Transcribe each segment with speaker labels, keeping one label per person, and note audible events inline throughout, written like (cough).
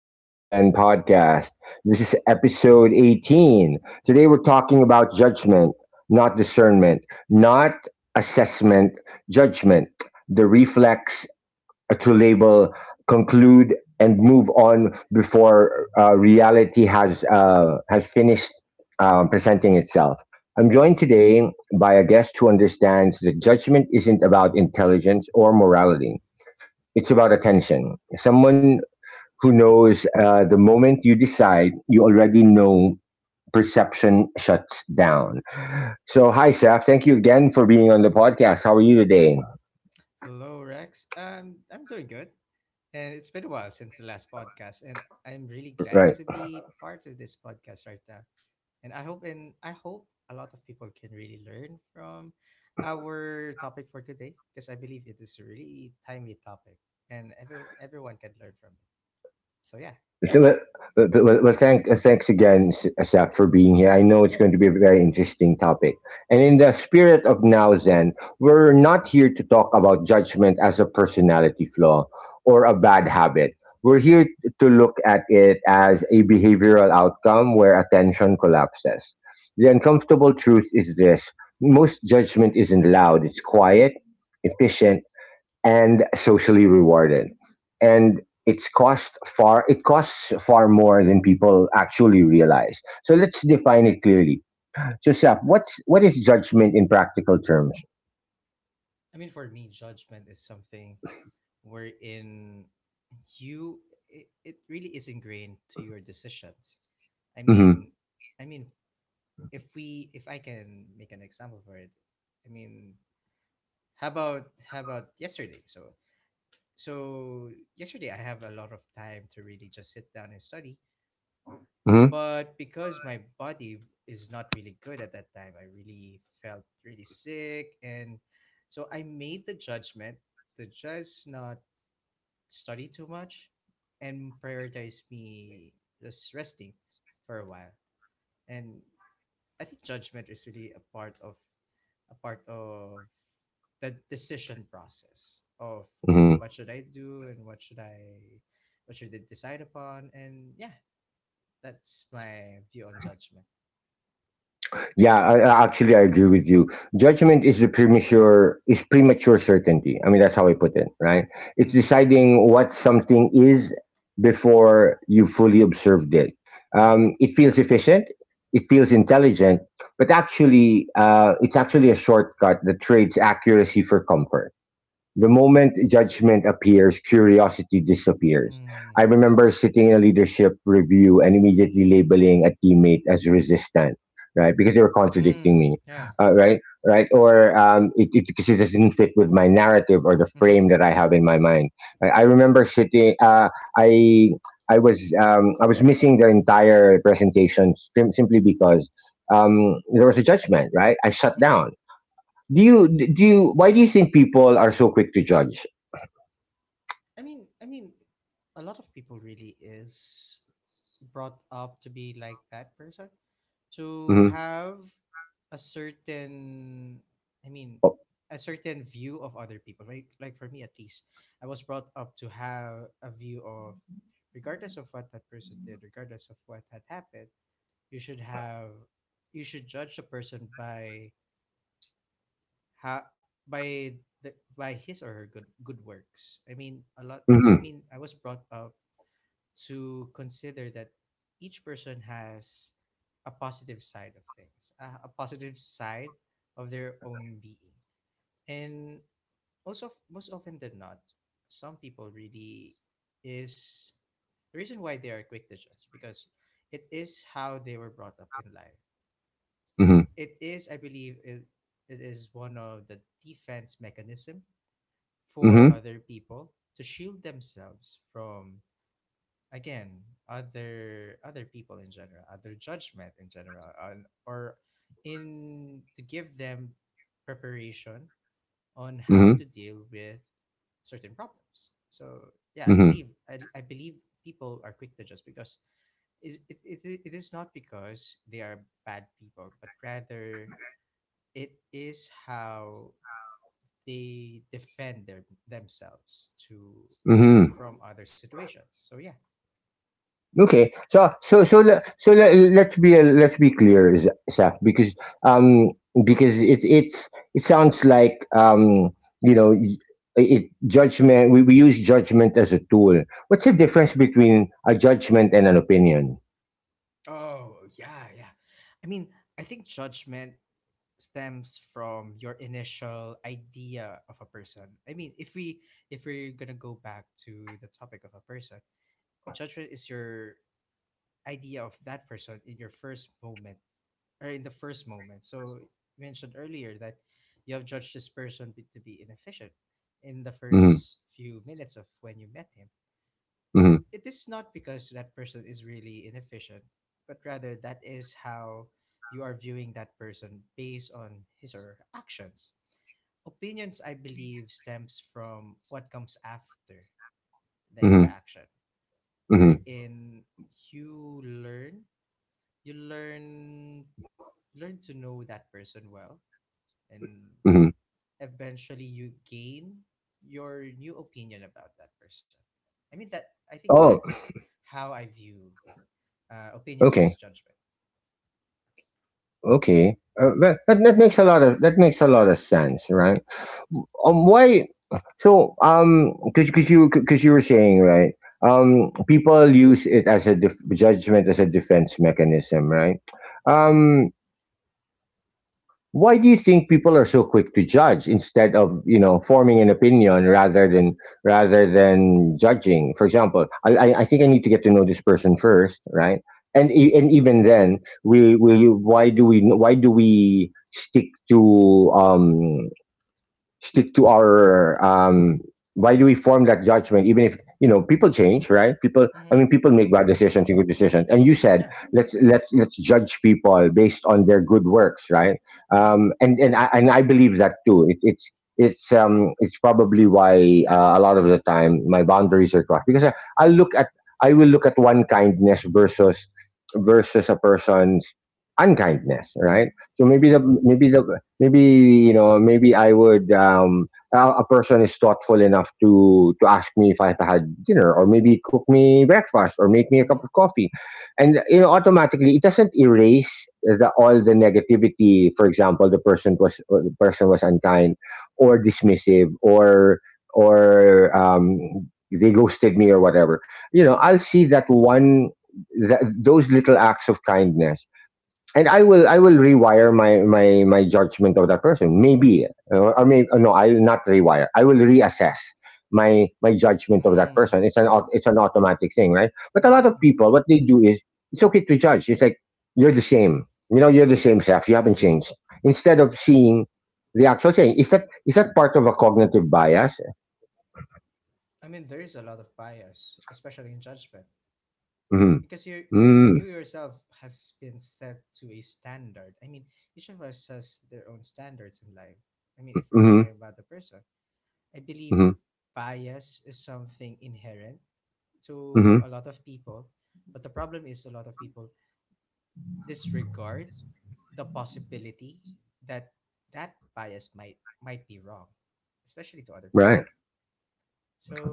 Speaker 1: the Now Zen podcast. This is episode 18. Today we're talking about judgment, not discernment, not assessment, judgment, the reflex to label, conclude, and move on before reality has finished presenting itself. I'm joined today by a guest who understands that judgment isn't about intelligence or morality, it's about attention. Someone who knows the moment you decide, you already know perception shuts down. So, hi, Seth. Thank you again for being on the podcast. How are you today?
Speaker 2: Hello, Rex. I'm doing good, and it's been a while since the last podcast, and I'm really
Speaker 1: Right.
Speaker 2: glad to be part of this podcast right now. And I hope a lot of people can really learn from our topic for today, because I believe it is a really timely topic, and everyone can learn from it. So yeah.
Speaker 1: So, Well, well, thanks again, Asaf, for being here. I know it's going to be a very interesting topic. And in
Speaker 2: Hmm.
Speaker 1: the spirit of Now Zen, we're not here to talk about judgment as a personality flaw or a bad habit. We're here to look at it as a behavioral outcome where attention collapses. The uncomfortable truth is this: most judgment isn't loud, it's quiet, efficient, and socially rewarded. And it's cost it costs far more than people actually realize. So let's define it clearly. So Seth, what is judgment in practical terms?
Speaker 2: I mean, for me, judgment is something wherein you it really is ingrained to your decisions. I
Speaker 1: Mm-hmm.
Speaker 2: mean, I mean, if I can make an example for it, I mean, how about yesterday? So yesterday I have a lot of time to really just sit down and study, but because my body is not really good at that time, I really felt really sick, and so I made the judgment to just not study too much, and prioritize me just resting for a while. And I think judgment is really a part of the decision process of
Speaker 1: Mm-hmm.
Speaker 2: what should I do and what should I decide upon. And yeah, that's my view on judgment.
Speaker 1: Actually, I agree with you. Judgment is premature certainty. I mean, that's how I put it, right? It's
Speaker 2: Mm.
Speaker 1: deciding what something is before you fully observed it.
Speaker 2: Mm-hmm.
Speaker 1: It feels efficient, it feels intelligent, but it's actually a shortcut that trades accuracy for comfort. The moment judgment appears, curiosity disappears. I
Speaker 2: Mm.
Speaker 1: remember sitting in a leadership review and immediately labeling a teammate as resistant, right? Because they were contradicting
Speaker 2: Mm.
Speaker 1: me,
Speaker 2: Yeah.
Speaker 1: right? Right? Or because it doesn't fit with my narrative or the
Speaker 2: Mm-hmm.
Speaker 1: frame that I have in my mind. I remember sitting, I. I was missing the entire presentation simply because there was a judgment, right? I shut
Speaker 2: Mm-hmm.
Speaker 1: down. Do you do you why do you think people are so quick to judge?
Speaker 2: I mean, a lot of people really is brought up to be like that person, to
Speaker 1: Mhm.
Speaker 2: have a certain i mean
Speaker 1: Oh,
Speaker 2: a certain view of other people, right? Like, for me at least, I was brought up to have a view of, regardless of what that person did, regardless of what had happened, you should have you should judge a person by ha- by the by his or her good works.
Speaker 1: mhm.
Speaker 2: I was brought up to consider that each person has a positive side of things, a positive side of their own being. And also most often than not, some people really is the reason why they are quick to judge because it is how they were brought up in life.
Speaker 1: Mhm.
Speaker 2: It is, I believe, it is one of the defense mechanism for
Speaker 1: Mhm.
Speaker 2: other people to shield themselves from, again, other people in general, other judgment in general, and, or in, to give them preparation on how
Speaker 1: Mhm.
Speaker 2: to deal with certain problems. So yeah, i
Speaker 1: Mhm.
Speaker 2: believe i, I believe people are quick to just because it is not because they are bad people, but rather it is how they defend themselves to, and
Speaker 1: Mhm.
Speaker 2: from other situations. So yeah.
Speaker 1: Okay. So let's be clear, Saf, because um it sounds like you know y- we use judgment as a tool. What's the difference between a judgment and an opinion?
Speaker 2: Oh yeah, yeah. I mean, I think judgment stems from your initial idea of a person. I mean, if we're gonna go back to the topic of a person, judgment is your idea of that person in your first moment, or in the first moment. So you mentioned earlier that you have judged this person to be inefficient in the
Speaker 1: Mhm.
Speaker 2: first few minutes of when you met him.
Speaker 1: Mhm.
Speaker 2: It is not because that person is really inefficient, but rather that is how you are viewing that person based on his or her actions. Opinions, I believe, stems from what comes after the
Speaker 1: Mhm.
Speaker 2: interaction,
Speaker 1: Mhm.
Speaker 2: wherein you learn, you learn to know that person well, and
Speaker 1: Mhm.
Speaker 2: eventually you gain your new opinion about that person. I think
Speaker 1: Oh,
Speaker 2: that's how I view opinions versus
Speaker 1: okay.
Speaker 2: judgment.
Speaker 1: Okay, that makes a lot of sense, right? Why? So, because you were saying, right, people use it as a judgment as a defense mechanism, right?
Speaker 2: Mm-hmm.
Speaker 1: Um, why do you think people are so quick to judge instead of, you know, forming an opinion rather than judging? For example, I I think I need to get to know this person first, right? And and even then, we will. Why do we stick to stick to our why do we form that judgment even if, you know, people change, right? People, I
Speaker 2: Mm-hmm.
Speaker 1: mean, people make
Speaker 2: Mm-hmm.
Speaker 1: bad decisions and good decisions, and you said
Speaker 2: Yeah.
Speaker 1: let's judge people based on their good works, right?
Speaker 2: Mm-hmm.
Speaker 1: And I believe that too. It's it's probably why, a lot of the time my boundaries are crossed because I look at, I will look at one kindness versus a person's unkindness, right? So maybe
Speaker 2: Mm-hmm.
Speaker 1: the maybe the maybe you know, maybe I would a person is thoughtful enough to ask me if I had dinner, or maybe cook me breakfast, or make me a cup of
Speaker 2: Mm-hmm.
Speaker 1: coffee, and, you know, automatically it doesn't erase the all the negativity. For example, the person was unkind or dismissive or they ghosted me or whatever. You know,
Speaker 2: Mm-hmm.
Speaker 1: I'll see that one, that those little acts of kindness, and I will rewire my judgment of that person. Maybe, or maybe no, I will not rewire. I will reassess my judgment of that
Speaker 2: Mm.
Speaker 1: person.
Speaker 2: Yeah.
Speaker 1: It's an automatic thing, right? But a
Speaker 2: Mm-hmm.
Speaker 1: lot of
Speaker 2: Mm-hmm.
Speaker 1: people, what they do is it's okay to judge. It's like you're the same. You know, you're the same self. You haven't changed. Instead of seeing the actual thing, is that part of a cognitive bias?
Speaker 2: I mean, there is a lot of bias, especially in judgment,
Speaker 1: Mm-hmm.
Speaker 2: because you you
Speaker 1: Mm-hmm.
Speaker 2: you yourself has been set to a standard. I mean, each of us has their own standards in life. I mean, if we're
Speaker 1: Mm-hmm.
Speaker 2: talking about a person, I believe
Speaker 1: Mm-hmm.
Speaker 2: bias is something inherent to a
Speaker 1: Mm-hmm.
Speaker 2: lot of people, but the problem is a lot of people disregard the possibility that that bias might be wrong, especially to other
Speaker 1: Right.
Speaker 2: people.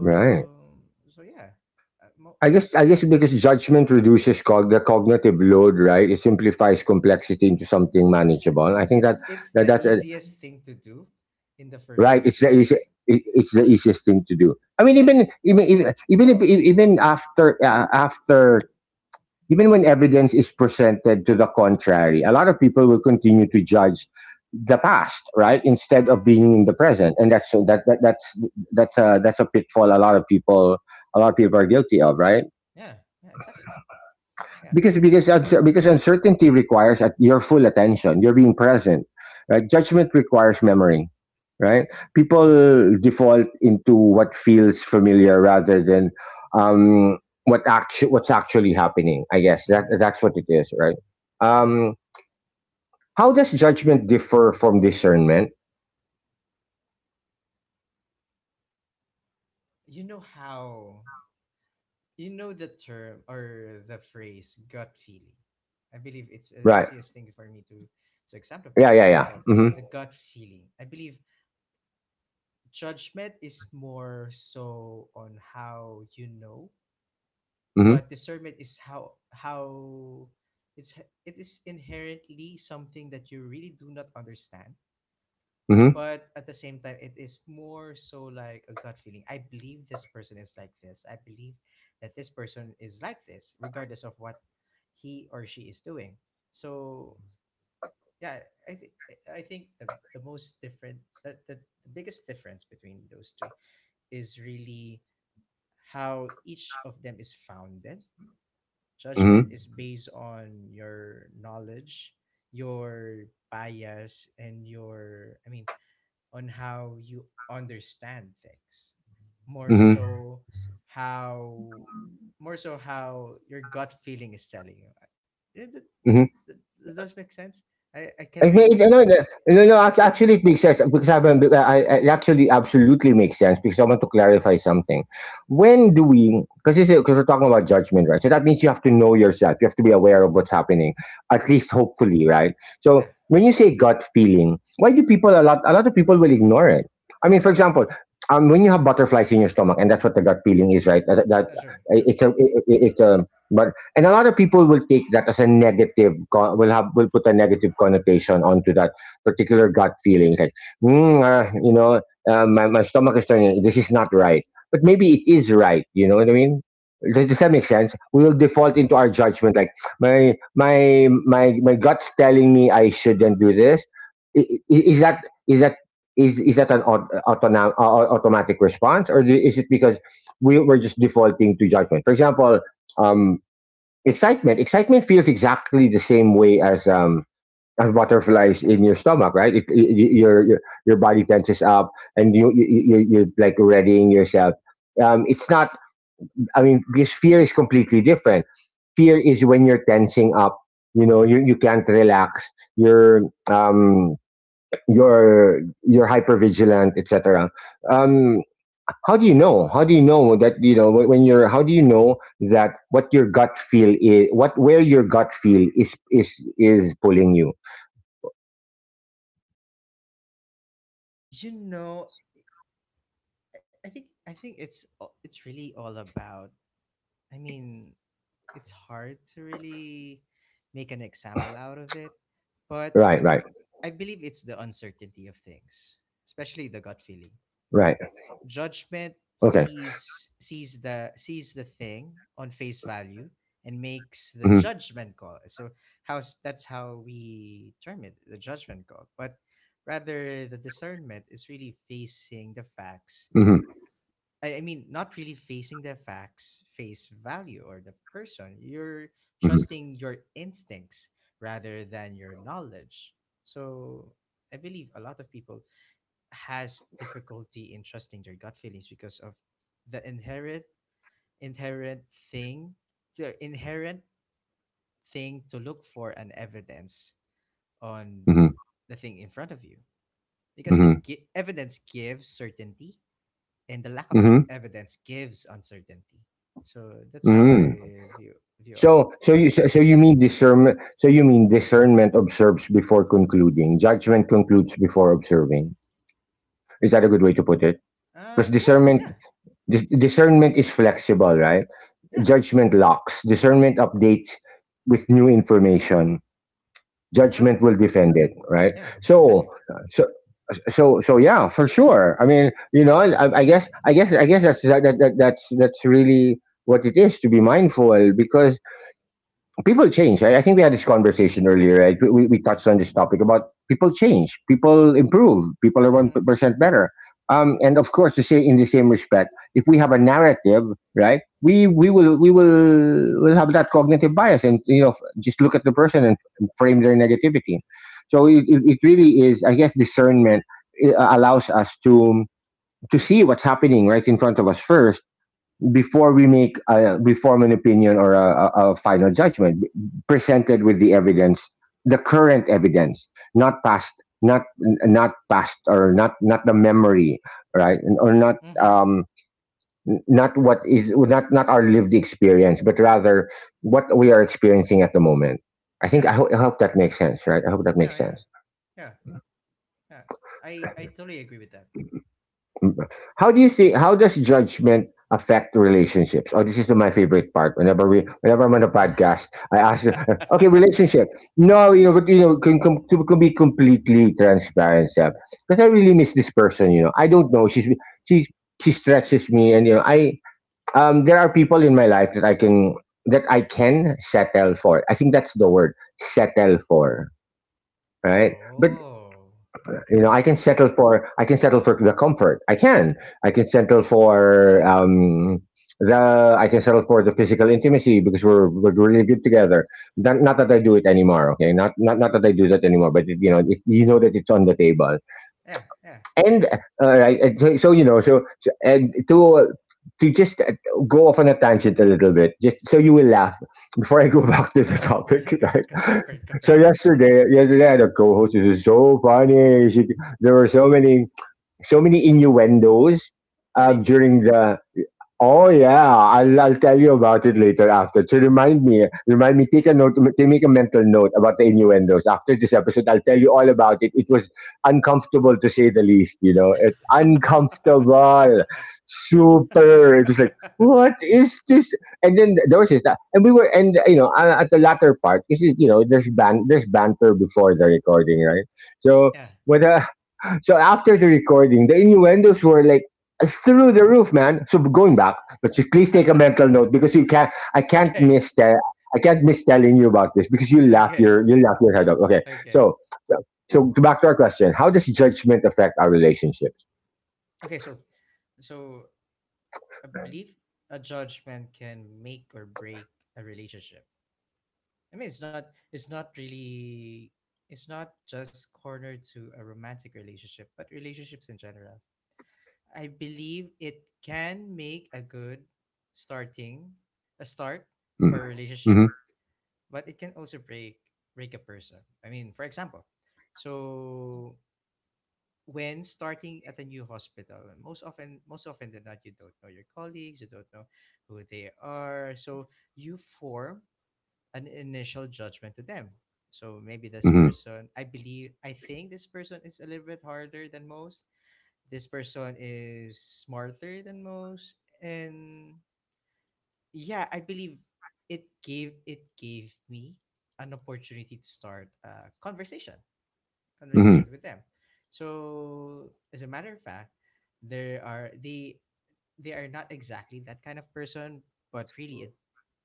Speaker 1: Right.
Speaker 2: so yeah, uh, mo-
Speaker 1: I
Speaker 2: uh,
Speaker 1: guess I guess
Speaker 2: uh,
Speaker 1: because judgment reduces the cognitive load, right? It simplifies complexity into something
Speaker 2: yeah,
Speaker 1: manageable. I think that,
Speaker 2: it's
Speaker 1: that
Speaker 2: the
Speaker 1: that's a,
Speaker 2: easiest thing to do in the first
Speaker 1: Right. It's the
Speaker 2: meeting.
Speaker 1: easy, it, it's the easiest thing to do. I mean,
Speaker 2: Yeah,
Speaker 1: even even even even if even after after even when evidence is presented to the contrary, a lot of people will continue to judge the past, right? Instead of being in the present, and that's that, that that's a pitfall a lot of people are guilty of, right?
Speaker 2: yeah, yeah, exactly. Yeah.
Speaker 1: Because uncertainty requires at your full attention, you're being present, right? Judgment requires memory, right?
Speaker 2: Mm-hmm.
Speaker 1: People default into what feels familiar rather than um what's actually happening. I guess that
Speaker 2: Mm-hmm.
Speaker 1: that's what it is, right?
Speaker 2: Yeah.
Speaker 1: Um, how does judgment differ from discernment?
Speaker 2: You know how, you know, the term or the phrase gut feeling. I believe it's the
Speaker 1: Right.
Speaker 2: easiest thing for me to example
Speaker 1: Yeah, yeah, yeah.
Speaker 2: example
Speaker 1: Mhm.
Speaker 2: the gut feeling. I believe judgment is more so on how you know, but discernment is how it's it is inherently something that you really do not understand,
Speaker 1: Mhm.
Speaker 2: but at the same time it is more so like a gut feeling. I believe this person is like this, I believe that this person is like this, regardless of what he or she is doing. So yeah, i think I think the most different the biggest difference between those two is really how each of them is founded.
Speaker 1: Mhm.
Speaker 2: Judgment
Speaker 1: Mhm.
Speaker 2: is based on your knowledge, your bias, and I mean, on how you understand things. More
Speaker 1: Mhm.
Speaker 2: so, how, more so, how your gut feeling is telling you. I- It that, that,
Speaker 1: Mhm.
Speaker 2: that, that does make sense. I can't
Speaker 1: It
Speaker 2: really,
Speaker 1: made no, no,
Speaker 2: I,
Speaker 1: no, no. act- Actually, it makes sense because I've been, it actually absolutely makes sense because I want to clarify something. When do we? Because we're talking about judgment, right? So that means you have to know yourself. You have to be aware of what's happening, at
Speaker 2: yeah,
Speaker 1: least hopefully, right?
Speaker 2: yeah,
Speaker 1: So when you say gut feeling, why do people a lot? A lot of people will ignore it. I mean, for example, when you have butterflies in your stomach, and that's what the gut feeling is, right? That, that
Speaker 2: yeah, sure, sure.
Speaker 1: it's a, it- it's a but And a lot of people will take that as a negative will have, will put a negative connotation onto that particular gut feeling, like you know, my stomach is turning, this is not right, but maybe it is right. You know what I mean? Does that make sense? We will default into our judgment, like my gut's telling me I shouldn't do this. I- i- is that is that is that an automatic response, or is it because we're just defaulting to judgment? For example, um, Excitement feels exactly the same way as butterflies in your stomach, right? It, y- y- your body tenses up, and you're like readying yourself. It's not. I mean, because fear is completely different. Fear is when you're tensing up. You know, you can't relax. You're um you're hypervigilant, etc. Um, how do you know? How do you know that you know when you're? How do you know that what where your gut feel is is pulling you?
Speaker 2: You know, I think it's it's really all about, I mean, it's hard to really make an example out of it, but
Speaker 1: Right, right,
Speaker 2: I believe it's the uncertainty of things, especially the gut feeling.
Speaker 1: right.
Speaker 2: Judgment
Speaker 1: Okay.
Speaker 2: sees the thing on face value and makes the
Speaker 1: Mm-hmm,
Speaker 2: judgment call. So how's that's how we term it, the judgment call. But rather, the discernment is really facing the facts.
Speaker 1: mm-hmm,
Speaker 2: I mean, not really facing the facts, face value, or the person. You're
Speaker 1: mm-hmm,
Speaker 2: trusting your instincts rather than your knowledge. So I believe a lot of people has difficulty in trusting their gut feelings because of the inherent thing, the inherent thing to look for an evidence on
Speaker 1: mm-hmm,
Speaker 2: the thing in front of you, because
Speaker 1: mm-hmm,
Speaker 2: it evidence gives certainty, and the lack of
Speaker 1: mm-hmm.
Speaker 2: evidence gives uncertainty. So that's how
Speaker 1: Mm-hmm.
Speaker 2: I view view of,
Speaker 1: So, so
Speaker 2: of
Speaker 1: you
Speaker 2: it.
Speaker 1: so so you mean discernment? So you mean discernment observes before concluding. Judgment concludes before observing. Is that a good way to put it? Because
Speaker 2: Yeah, yeah,
Speaker 1: discernment is flexible, right?
Speaker 2: yeah.
Speaker 1: Judgment locks. Discernment updates with new information.
Speaker 2: True.
Speaker 1: Judgment will defend it, right?
Speaker 2: Yeah,
Speaker 1: So,
Speaker 2: exactly.
Speaker 1: so, so, yeah, for sure. I mean, you know, I guess that's that's really what it is to be mindful, because people change. Right? I think we had this conversation earlier, right? We touched on this topic about people change, people improve, people are one
Speaker 2: Mhm.
Speaker 1: percent better. And of course, to say in the same respect, if we have a narrative, right, we will have that cognitive bias, and you know, just look at the person and frame their negativity. So it really is, I guess, discernment, allows us to see what's happening right in front of us first before we make we form an opinion or a final judgment, presented with the evidence, the current evidence, not past, not not past, or not the memory, right, or not,
Speaker 2: Mhm.
Speaker 1: um not what is, not our lived experience, but rather what we are experiencing at the moment. I think
Speaker 2: Yeah.
Speaker 1: I, ho- I hope that makes sense, right? I hope that makes
Speaker 2: Yeah. Yeah.
Speaker 1: sense.
Speaker 2: Yeah. Yeah. I totally agree with that.
Speaker 1: How do you think? How does judgment affect relationships? Oh, this is my favorite part. Whenever I'm on a podcast, I ask, okay,
Speaker 2: (laughs)
Speaker 1: relationship. No, you know, but you know, can be completely transparent, Seb. Because I really miss this person. You know, I don't know. She she stretches me, and I there are people in my life that I can settle for. I think that's the word, settle for. Right, but
Speaker 2: Oh.
Speaker 1: you know, I
Speaker 2: Okay.
Speaker 1: can settle for, I can settle for the comfort. I can settle for the I can settle for the physical intimacy because we're really good together. Not that I do it anymore. Okay, not that I do that anymore, but it, you know that it's on the table.
Speaker 2: Yeah. Yeah.
Speaker 1: And all right, and so, so you know, so, so and to to just go off on a tangent a little bit, just so you will laugh before I go (laughs) back to the
Speaker 2: (laughs)
Speaker 1: topic,
Speaker 2: Go,
Speaker 1: (laughs)
Speaker 2: go, go
Speaker 1: right?
Speaker 2: for it. Go for
Speaker 1: So
Speaker 2: it.
Speaker 1: yesterday I had a co-host. It was so funny. She, there were so many innuendos
Speaker 2: Really.
Speaker 1: during the. Oh yeah, I'll tell you about it later after. So remind me. Take a note. Take Make a mental note about the innuendos after this episode. I'll tell you all about it. It was uncomfortable to say the least. You know, it uncomfortable, super. It was like,
Speaker 2: (laughs)
Speaker 1: what is this? And then there was this, and we were, and you know, at the latter part, this is you know, there's there's banter before the recording, right? So
Speaker 2: Yeah.
Speaker 1: what? So after the recording, the innuendos were like through the roof, man. So going back, but you please take a mental note because
Speaker 2: (laughs)
Speaker 1: you can't. I can't
Speaker 2: Okay.
Speaker 1: miss that. I can't miss telling you about this because
Speaker 2: Okay.
Speaker 1: you laugh your head off. Okay,
Speaker 2: Okay.
Speaker 1: so so so to back to our question, how does judgment affect our relationships?
Speaker 2: Okay, so I believe a judgment can make or break a relationship. I mean, it's not just cornered to a romantic relationship, but relationships in general. I believe it can make starting a start
Speaker 1: Mm.
Speaker 2: for a
Speaker 1: Mm-hmm.
Speaker 2: relationship, but it can also break a person. I mean, for example, so when starting at a new hospital, most often than not, you don't know your colleagues, you don't know who they are, so you form an initial judgment to them. So maybe this
Speaker 1: Mm-hmm.
Speaker 2: person, I think this person is a little bit harder than most, this person is smarter than most. And yeah, I believe it gave, it gave me an opportunity to start a conversation conversations with them. So as a matter of fact, there are they are not exactly that kind of person, but really a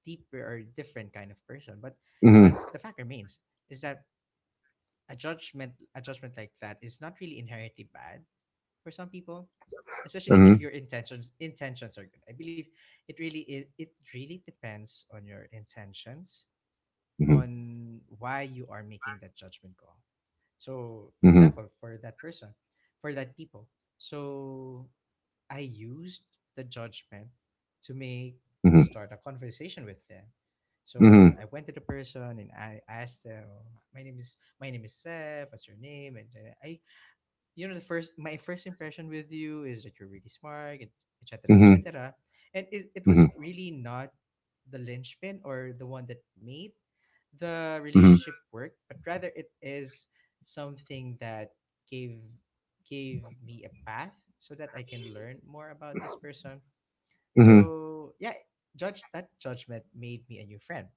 Speaker 2: deeper or different kind of person. But
Speaker 1: Mm-hmm.
Speaker 2: but the fact remains is that a judgment like that is not really inherently bad for some people, especially if
Speaker 1: Mm-hmm.
Speaker 2: your intentions are good. I believe it really depends on your intentions,
Speaker 1: Mm-hmm.
Speaker 2: on why you are making that judgment call. So, for
Speaker 1: Mm-hmm.
Speaker 2: example, for that person, for that people. So, I used the judgment to make to
Speaker 1: Mm-hmm.
Speaker 2: start a conversation with them. So
Speaker 1: Mm-hmm.
Speaker 2: I went to the person and I asked them, "Oh, my name is, my name is Seth. What's your name?" And then I you know the first my first impression with you is that you're really smart, and etc.,
Speaker 1: Mm-hmm.
Speaker 2: etc. And it was really not the linchpin or the one that made the
Speaker 1: Mm-hmm.
Speaker 2: relationship work, but rather it is something that gave gave me a path so that I can learn more about this person.
Speaker 1: Mm-hmm.
Speaker 2: So yeah, judge that judgment made me a new friend.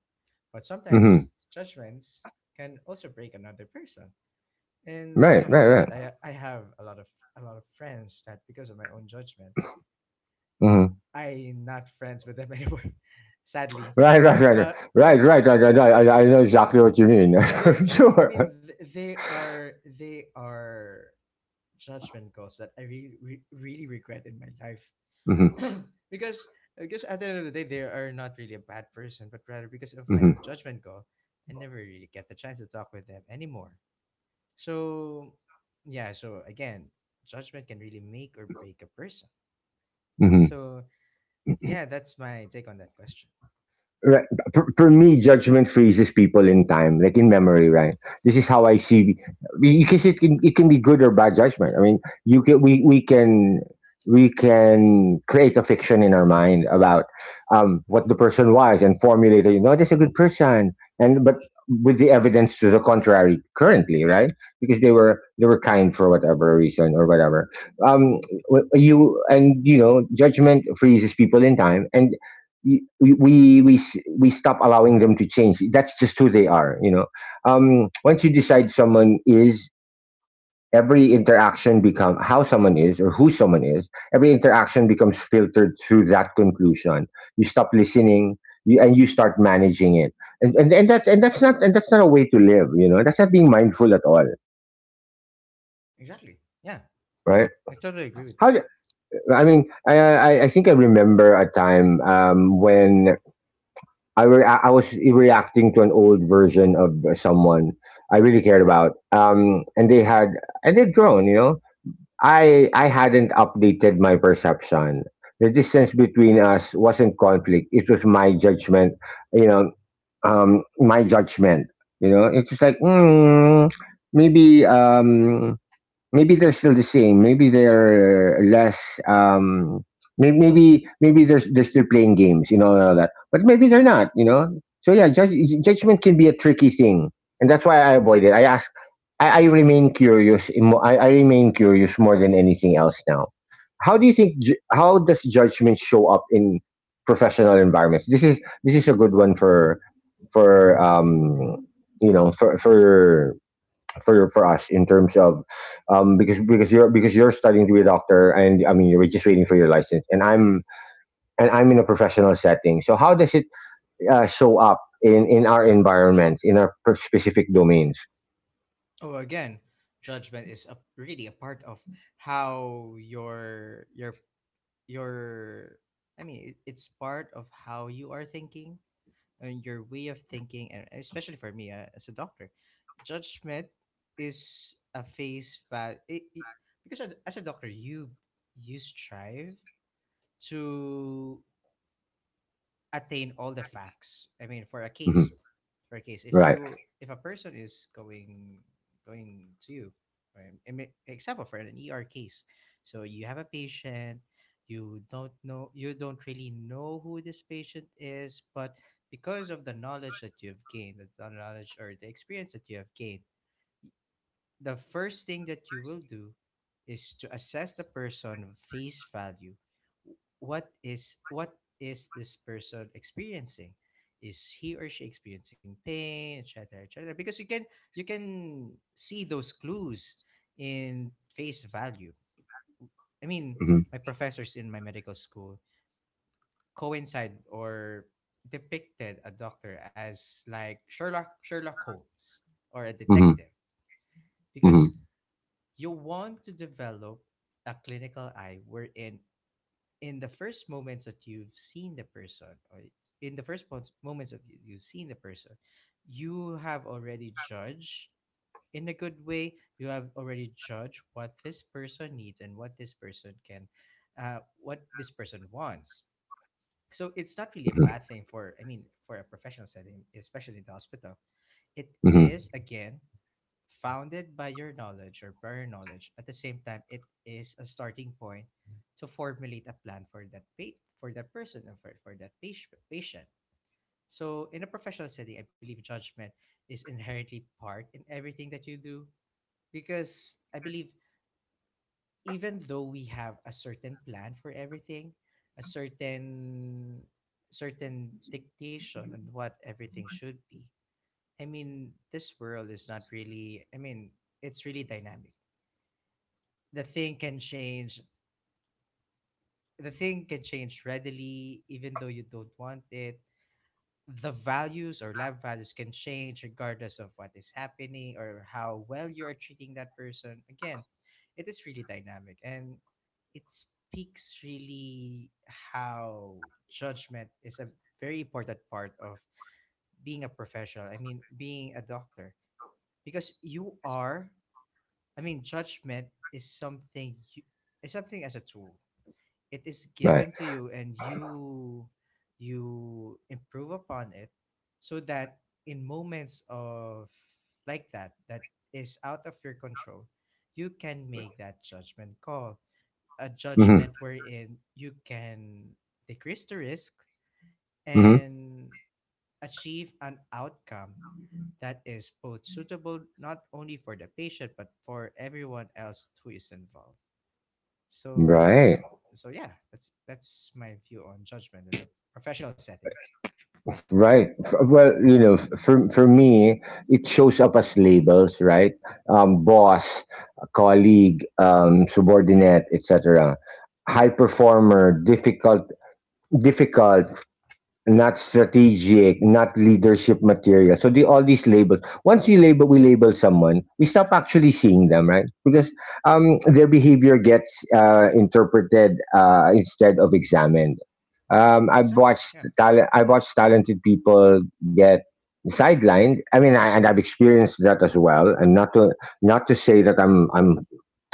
Speaker 2: But sometimes
Speaker 1: Mm-hmm.
Speaker 2: judgments can also break another person, and most
Speaker 1: Right.
Speaker 2: often than
Speaker 1: Right.
Speaker 2: that, I have a lot of friends that, because of my own judgment,
Speaker 1: Right.
Speaker 2: I not friends with them (laughs) anymore, sadly.
Speaker 1: Right, right, right,
Speaker 2: But I,
Speaker 1: right, right, right,
Speaker 2: but
Speaker 1: right, right,
Speaker 2: but
Speaker 1: right.
Speaker 2: because
Speaker 1: I know exactly what you mean.
Speaker 2: they're,
Speaker 1: (laughs) Sure.
Speaker 2: they are judgment calls that I really really regret in my life.
Speaker 1: Hmm.
Speaker 2: (clears throat) because because at the end of the day, they are not really a bad person, but rather because of my own
Speaker 1: Hmm.
Speaker 2: judgment call, I never really get the chance to talk with them anymore. So, yeah, so again, judgment can really make or break a person.
Speaker 1: Hmm.
Speaker 2: So, yeah, that's my take on that question.
Speaker 1: Right. For me, judgment freezes people in time, like in memory, right? This is how I see, because it can be good or bad judgment. I mean, you can, we can we can create a fiction in our mind about what the person was and formulate, you know, this is a good person, and but with the evidence to the contrary currently, right? Because they were kind for whatever reason or whatever. Um, you and you know, judgment freezes people in time, and we stop allowing them to change. That's just who they are, you know. Once you decide someone is, every interaction become how someone is or who someone is. Every interaction becomes filtered through that conclusion. You stop listening, you, and you start managing it. And, and that, and that's not a way to live, you know. That's not being mindful at all,
Speaker 2: Exactly. Yeah,
Speaker 1: right?
Speaker 2: I totally agree with
Speaker 1: How
Speaker 2: that.
Speaker 1: d- I mean, I think I remember a time when I, I was reacting to an old version of someone I really cared about. And they had, and they'd grown, you know. I hadn't updated my perception. The distance between us wasn't conflict. It was my judgment, you know, my judgment. You know, it's just like maybe maybe they're still the same. Maybe they're less. Maybe they're still playing games, you know, and all that. But maybe they're not, you know. So yeah, judgment can be a tricky thing, and that's why I avoid it. I
Speaker 2: Exactly.
Speaker 1: ask. I remain curious. I remain curious more than anything else now. How do you think? Ju- How does judgment show up in professional environments? This is a good one for for um, you know for for for us in terms of because you're, because you're studying to be a doctor, and I mean you're just waiting for your license, and I'm in a professional setting. So how does it show up in our environment in our specific domains?
Speaker 2: Oh, again, judgment is really a part of how your it's part of how you are thinking your way of thinking, and especially for me as a doctor, judgment is a phase because as a doctor you you strive to attain all the facts. I mean, for a
Speaker 1: Hmm.
Speaker 2: case,
Speaker 1: Right.
Speaker 2: if a person is going to you, right? I mean, example for an ER case, so you have a patient, you don't know, you don't really know who this patient is, but because of the knowledge that you've gained, the knowledge or the experience that you have gained, the first thing that you will do is to assess the person face value. What is this person experiencing? Is he or she experiencing pain, etc., etc.? Because you can you can see those clues in face value. I mean,
Speaker 1: Hmm.
Speaker 2: my professors in my medical school coincide or depicted a doctor as like Sherlock Holmes or a
Speaker 1: Hmm.
Speaker 2: detective, because
Speaker 1: Hmm.
Speaker 2: you want to develop a clinical eye wherein in the first moments that you've seen the person or in the first moments that you've seen the person, you have already judged in a good way. You have already judged what this person needs and what this person what this person wants. So it's not really a
Speaker 1: Hmm.
Speaker 2: bad thing I mean, for a professional setting, especially in the hospital. It
Speaker 1: Hmm.
Speaker 2: is, again, founded by your knowledge or prior knowledge. At the same time, it is a starting point to formulate a plan for that for that person and for that patient. So in a professional setting, I believe judgment is inherently part in everything that you do, because I believe even though we have a certain plan for everything, a certain dictation on what everything should be. I mean, this world is not really, I mean, it's really dynamic. the thing can change the thing can change readily even though you don't want it. The values or lab values can change regardless of what is happening or how well you are treating that person. Again, it is really dynamic, and it speaks really how judgment is a very important part of being a professional, I mean being a doctor, because you are, I mean, judgment is something you, is something as a tool. It is given
Speaker 1: Right.
Speaker 2: to you and you you improve upon it, so that in moments of like that that is out of your control, you can make that judgment call, a
Speaker 1: Hmm.
Speaker 2: judgment wherein you can decrease the risk
Speaker 1: Hmm.
Speaker 2: and achieve an outcome that is both suitable not only for the patient but for everyone else who is involved. So,
Speaker 1: Right.
Speaker 2: so yeah, that's my view on judgment in the professional setting.
Speaker 1: Right. Well, you know, for for me, it shows up as labels, right? Boss, colleague, subordinate, etc. High performer, difficult, not strategic, not leadership material. So the all these labels. Once you label, we label someone, we stop actually seeing them, right? Because their behavior gets interpreted instead of examined. I've
Speaker 2: Exactly.
Speaker 1: watched
Speaker 2: Yeah.
Speaker 1: talent. I've watched talented people get sidelined. I mean, I, and I've experienced that as well. And not to say that I'm I'm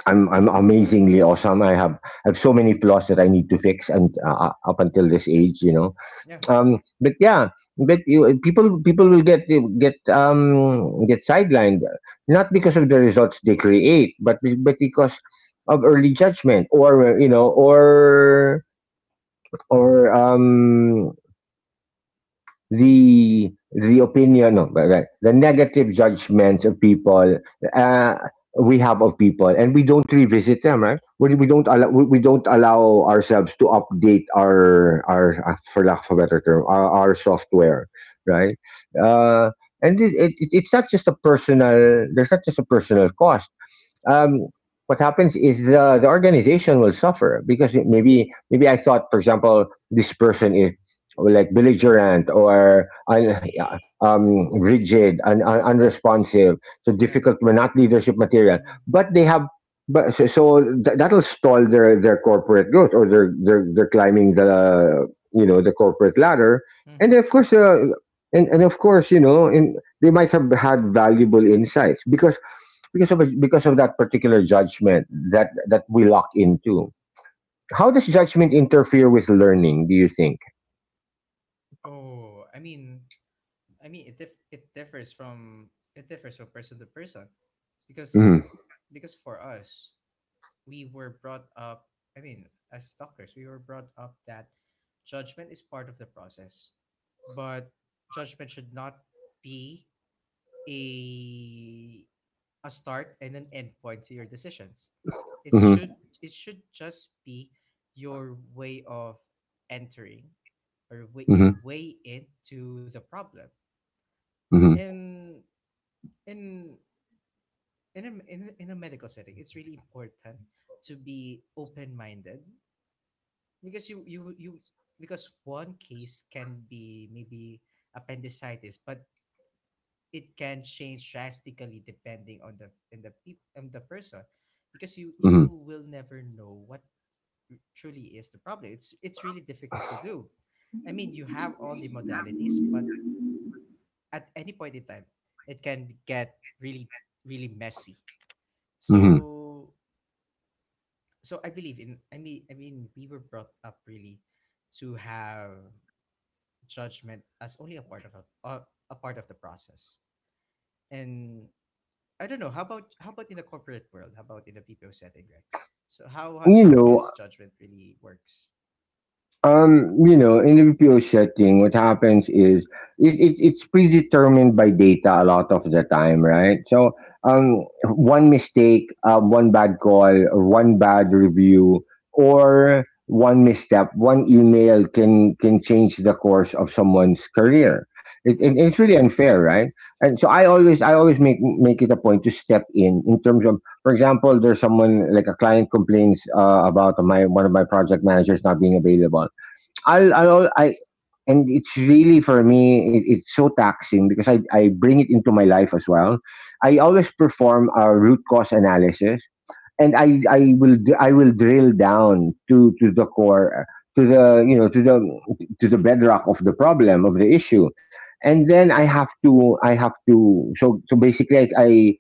Speaker 1: I'm I'm amazingly awesome. I have so many flaws that I need to fix, and up until this age, you know,
Speaker 2: Yeah.
Speaker 1: but yeah, but you, people will get get sidelined not because of the results they create, but but because of early judgment or you know, or or um the opinion no, but right, the negative judgments of people uh, we have of people, and we don't revisit them, right? We don't allow, we don't allow ourselves to update our for lack of a better term, our software, right? Uh, and it's not just a personal, there's not just a personal cost. um, what happens is the organization will suffer because maybe I thought, for example, this person is like belligerent or rigid and unresponsive, so
Speaker 2: Yeah.
Speaker 1: difficult, but not leadership material.
Speaker 2: Mm-hmm.
Speaker 1: But they have, but that'll stall their corporate growth, or they're climbing the, you know, the corporate ladder, and
Speaker 2: Mm-hmm.
Speaker 1: of course, and of course, you know, in, they might have had valuable insights because because of that particular judgment that that we lock into. How does judgment interfere with learning, do you think?
Speaker 2: Oh, I mean, it differs from person to person, because
Speaker 1: Mm-hmm.
Speaker 2: because for us, we were brought up. I mean, as doctors, we were brought up that judgment is part of the process, but judgment should not be a a start and an end point to your decisions. It
Speaker 1: Mm-hmm.
Speaker 2: should it should just be your way of entering, or your
Speaker 1: Mm-hmm.
Speaker 2: way into the problem. And in in a medical setting, it's really important to be open minded, because you you because one case can be maybe appendicitis, but it can change drastically depending on the peop and the person, because you
Speaker 1: Mm-hmm.
Speaker 2: you will never know what truly is the problem. It's really difficult to do. I mean, you have all the modalities, but at any point in time it can get really really messy.
Speaker 1: Mm-hmm.
Speaker 2: So, so I believe in, I mean, I mean, we were brought up really to have judgment as only a part of a part of the process. And I don't know. How about in the corporate world? How about in the BPO setting, Rex? So
Speaker 1: you
Speaker 2: how is
Speaker 1: know
Speaker 2: judgment really works?
Speaker 1: You know, in the BPO setting, what happens is it's predetermined by data a lot of the time, right? So, one mistake, one bad call, or one bad review, or one misstep, one email can change the course of someone's career.
Speaker 2: Mm-hmm.
Speaker 1: It's really unfair, right? And so I always make it a point to step in terms of, for example, there's someone like a client complains about my one of my project managers not being available. I, and it's really for me, it's so taxing because I bring it into my life as well. I always perform a root cause analysis, and
Speaker 2: Mm-hmm.
Speaker 1: I will, I will drill down to the core, to the, you know, to the bedrock of the problem of the issue, and then I have to. So, so basically, I,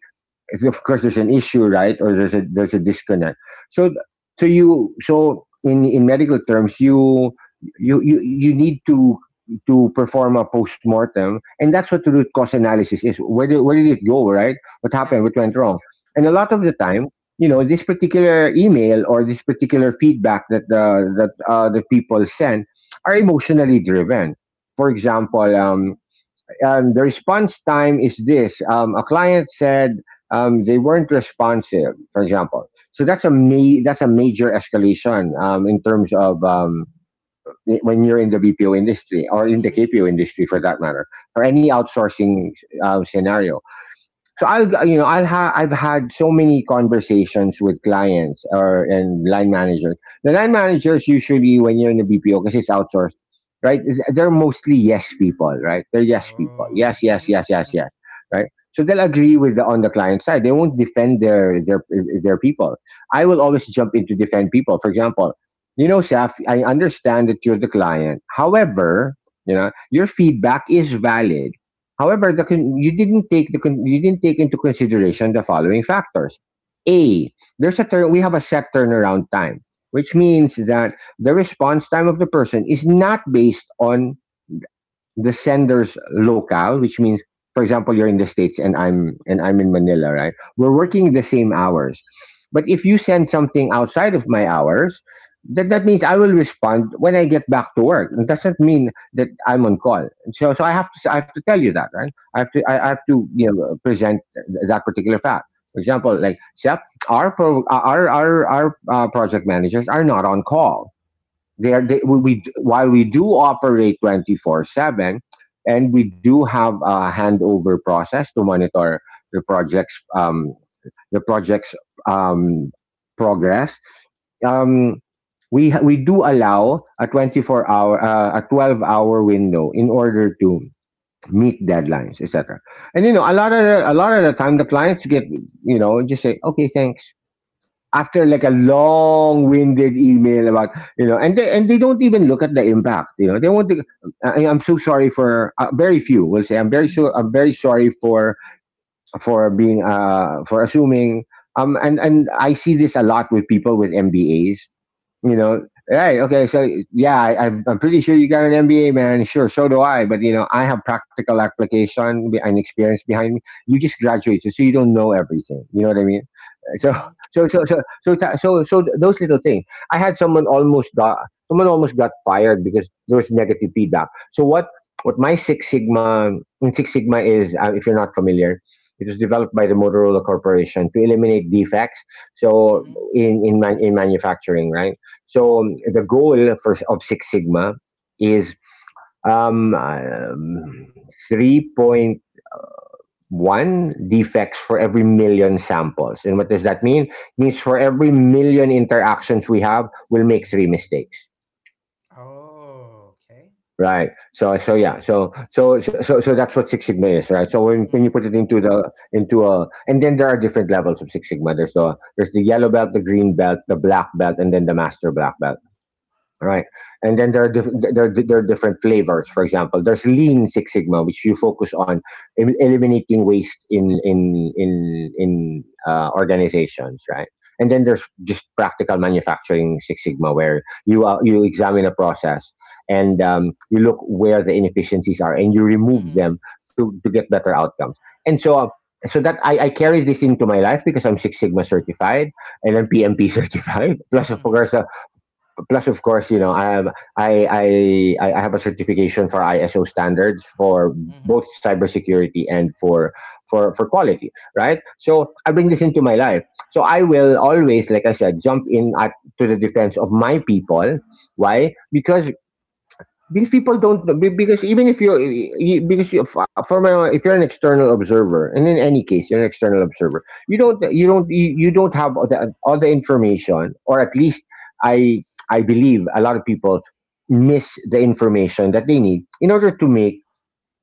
Speaker 1: if of course there's an issue, right, or there's a, there's a disconnect, so so you, so in medical terms, you need to perform a post-mortem, and that's what the root cause analysis is. Where did, where did it go right, what
Speaker 2: Yeah.
Speaker 1: happened, what went wrong? And a
Speaker 2: Mm-hmm.
Speaker 1: lot of the time, you know, this particular email or this particular feedback that the that, the people send are emotionally driven. For example, the response time is this. A client said they weren't responsive, for example. So that's a that's a major escalation in terms of when you're in the BPO industry or in the
Speaker 2: Mm-hmm.
Speaker 1: KPO industry, for that matter, or any
Speaker 2: Mm-hmm.
Speaker 1: outsourcing scenario. So I'll, you know, I've had so many conversations with clients or and line managers. The line managers usually when you're in the BPO, because it's outsourced, right? They're mostly yes people, right? They're yes people.
Speaker 2: Oh.
Speaker 1: Yes, yes,
Speaker 2: Mm-hmm.
Speaker 1: yes, yes,
Speaker 2: Mm-hmm.
Speaker 1: yes, right? So they'll agree with the, on the client side. They won't defend their their people. I will
Speaker 2: Mm-hmm.
Speaker 1: always jump in to defend people. For example, you know, Saf, I understand that you're the client. However, you know, your feedback is valid. However, you didn't take you didn't take into consideration the following factors. A, there's a turn we have a set turnaround time, which means that the response time of the person is not based on the sender's locale, which means, for example, you're in the states and I'm in Manila, right? We're
Speaker 2: Mm-hmm.
Speaker 1: working the same hours, but if you send something outside of my hours, that means I will respond when I get back to work. It doesn't mean that I'm on call. So I have to, tell you that, right? I have to
Speaker 2: Yeah.
Speaker 1: I have to present that particular fact. For example,
Speaker 2: Mm-hmm.
Speaker 1: like Sep, our project managers are not on call. They are
Speaker 2: Mm-hmm.
Speaker 1: they, we, We
Speaker 2: Mm-hmm.
Speaker 1: while we do operate 24/7, and we do have a handover process to monitor the projects the projects um, progress. Um, we do allow a 24 hour a 12-hour window in order to meet deadlines, etc. And a lot of a lot of the time the clients get, just say okay, thanks, after like a long-winded email about, and they don't even look at the impact. They want to I, I'm so sorry for very few will say I'm very sorry for being for assuming. And I see this a lot with people with MBAs. you know, Hey, okay, so yeah, I'm pretty sure you got an MBA, man. Sure, so do I. But, you know, I have practical application and experience behind me. You just graduated, so you don't know everything. You know what I mean? Uh,
Speaker 2: Mm-hmm.
Speaker 1: So, so, so, so, so, tha- so, so th- Those little things. I had someone almost got, Someone almost got fired because there was negative feedback. So what, what my Six Sigma, and Six Sigma is, if you're not familiar, it was developed by the Motorola Corporation to eliminate defects. So
Speaker 2: Mm-hmm.
Speaker 1: in manufacturing, right? So the goal of Six Sigma is um, um, 3.1 defects for every million samples. And what does that mean? It means for every million interactions we have, we'll make three mistakes.
Speaker 2: Oh, okay.
Speaker 1: Right. So so yeah. So that's what Six Sigma is, right? So when you
Speaker 2: Mm-hmm.
Speaker 1: put it into the into a and then there are different levels of Six Sigma. There's the yellow belt, the green belt, the black belt, and then the master black belt, right? And then there are different flavors. For example, there's Lean Six Sigma, which you focus on eliminating waste in organizations, right? And then there's just practical manufacturing Six Sigma, where you you examine a process and you look where the inefficiencies are and you remove
Speaker 2: Mm-hmm.
Speaker 1: them to get better outcomes. And so. I carry this into my life because I'm Six Sigma certified and I'm PMP certified. (laughs) Plus, of
Speaker 2: Mm-hmm.
Speaker 1: course, plus of course, I have i i I have a certification for ISO standards for
Speaker 2: Mm-hmm.
Speaker 1: both cybersecurity and for quality, right? So I bring this into my life, so I will always, like I said, jump in at to the defense of my people. Why? Because people don't because even if you're because for my, if you're an external observer, and in any case you're an external observer, you don't you don't have all the information, or at least i I believe a lot of people miss the information that they need in order to make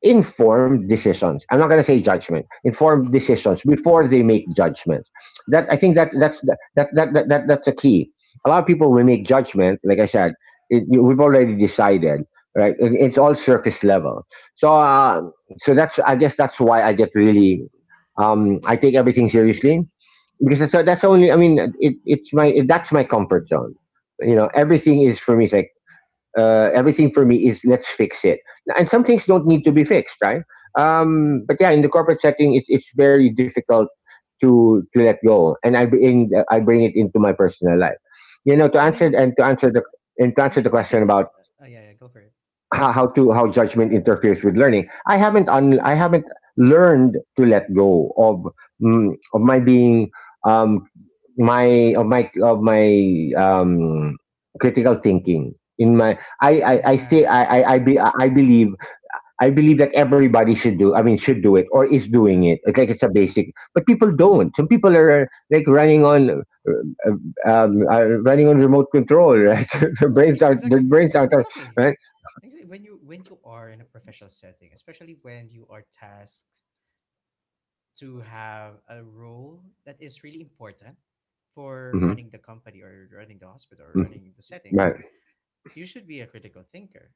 Speaker 1: informed decisions. I'm not going to say judgment, informed
Speaker 2: Mm-hmm.
Speaker 1: decisions before they make judgments. That
Speaker 2: True.
Speaker 1: I think that that's that that that, that, that that's the key. A lot of people will make judgment, like I said, we've already decided, right? It- it's all surface level. So that's, I guess, that's why I get really, I take everything seriously, because that's only, I mean, it, it's my it, that's my comfort zone. You know, everything is for me, it's like, everything for me is, let's fix it. And some things don't need to be fixed, right? But yeah, in the corporate setting, it's very difficult to let go, and I bring, I bring it into my personal life. You know,
Speaker 2: I mean
Speaker 1: to answer the
Speaker 2: I
Speaker 1: question
Speaker 2: can,
Speaker 1: about
Speaker 2: oh yeah, yeah, go for it.
Speaker 1: how judgment interferes with learning. I haven't learned to let go of, of my being, um, my of my of my um critical thinking in my. I
Speaker 2: Yeah,
Speaker 1: say
Speaker 2: yeah,
Speaker 1: I, be, I believe I believe that everybody should do, I mean, should do it or is doing
Speaker 2: yeah.
Speaker 1: it. It's like it's a basic, but people don't, some people are like running on, uh, are running on remote control, right? (laughs)
Speaker 2: Sure,
Speaker 1: Their
Speaker 2: exactly,
Speaker 1: brains are
Speaker 2: exactly,
Speaker 1: right.
Speaker 2: exactly. When you are in a professional setting, especially when you are tasked to have a role that is really important for
Speaker 1: Mm-hmm.
Speaker 2: running the company or running the hospital or
Speaker 1: Mm-hmm,
Speaker 2: running the setting,
Speaker 1: right.
Speaker 2: you should be a critical thinker.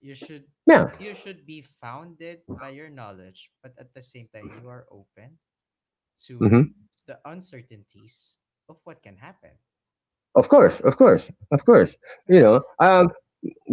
Speaker 1: Yeah.
Speaker 2: You should be founded by your knowledge, but at the same time, you are open to
Speaker 1: Hmm.
Speaker 2: the uncertainties of what can happen.
Speaker 1: Of course, of course, of course. You
Speaker 2: Yeah,
Speaker 1: know,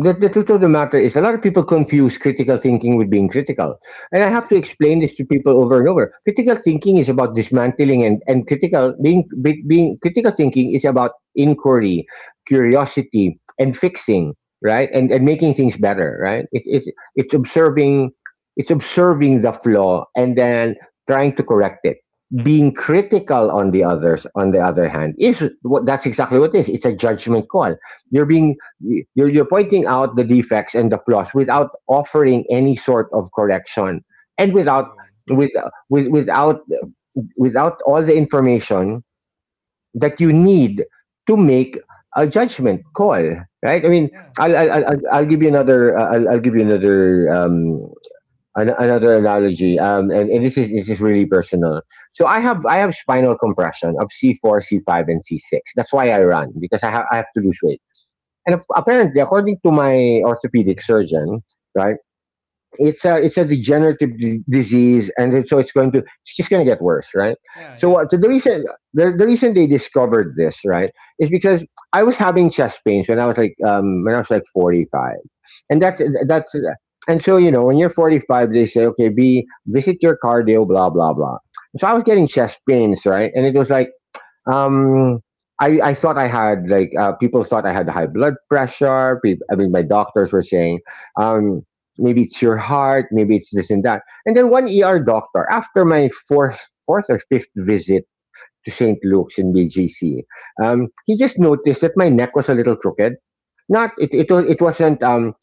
Speaker 1: the truth of the matter is, a lot of people confuse critical thinking with being critical. And I have to
Speaker 2: exactly.
Speaker 1: explain this to people over and over. Critical thinking is about dismantling, and critical being, be- being critical thinking is about inquiry, curiosity, and fixing, right? And making things better, right? It's observing it's observing the flaw and then trying to correct it. Being critical, on the others, on the other hand, is what that's exactly what it is. It's a judgment call. You're being, you're pointing out the defects and the flaws without offering any sort of correction, and without,
Speaker 2: True.
Speaker 1: with, with without without all the information that you need to make a judgment call, right? I mean,
Speaker 2: Yeah.
Speaker 1: I'll give you another I'll give you another another analogy. And this is, this is really personal. So I have spinal compression of C4, C5, and C6. That's why I
Speaker 2: Mm-hmm.
Speaker 1: run, because I have to lose weight. And apparently, according to my orthopedic surgeon, right, it's a, it's a degenerative disease, and then so it's going to, it's just going to get worse, right?
Speaker 2: Yeah,
Speaker 1: So
Speaker 2: yeah,
Speaker 1: what, so
Speaker 2: yeah.
Speaker 1: the reason, the reason they discovered this, right, is because I was having chest pains when I was like when I was like 45, and that's
Speaker 2: Mm-hmm.
Speaker 1: that's and so you know when you're 45, they say, okay, be visit your cardio, blah blah blah. So I was getting chest pains, right, and it was like, um I thought I had like, people thought I had high blood pressure. Peop I mean, my doctors were saying, um, maybe it's your heart, maybe it's this and that. And then one ER doctor, after my fourth or fifth visit to St. Luke's in BGC, he just noticed that my neck was a little crooked. Not it it was, it wasn't um,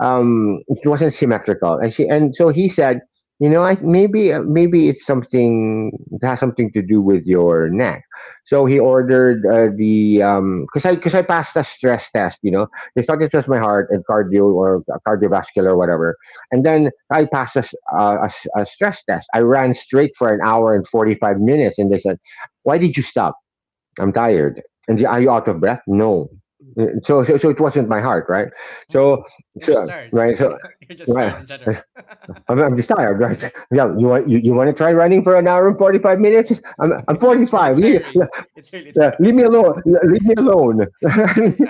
Speaker 1: um it wasn't symmetrical, and so he said, you know, I maybe, maybe it's something, it has something to do with your neck. So he ordered, the because I passed a stress test, you know, they thought it was my heart and cardio, or cardiovascular, or whatever. And then I passed a stress test. I ran straight for an hour and 45 minutes and they said, why did you stop? I'm tired. And are you out of breath? No. So it wasn't my heart, right?
Speaker 2: Mm-hmm.
Speaker 1: So,
Speaker 2: You're just
Speaker 1: so
Speaker 2: tired in
Speaker 1: right, so
Speaker 2: general. (laughs) You're just tired
Speaker 1: right.
Speaker 2: in general.
Speaker 1: (laughs) I'm just tired, right? (laughs) Yeah, you want, you want to try running for an hour and 45 minutes?
Speaker 2: (laughs)
Speaker 1: I'm
Speaker 2: it's
Speaker 1: forty
Speaker 2: it's really
Speaker 1: five.
Speaker 2: tiring.
Speaker 1: Yeah,
Speaker 2: It's really
Speaker 1: leave me
Speaker 2: tiring.
Speaker 1: alone. Leave me alone. (laughs)
Speaker 2: (laughs)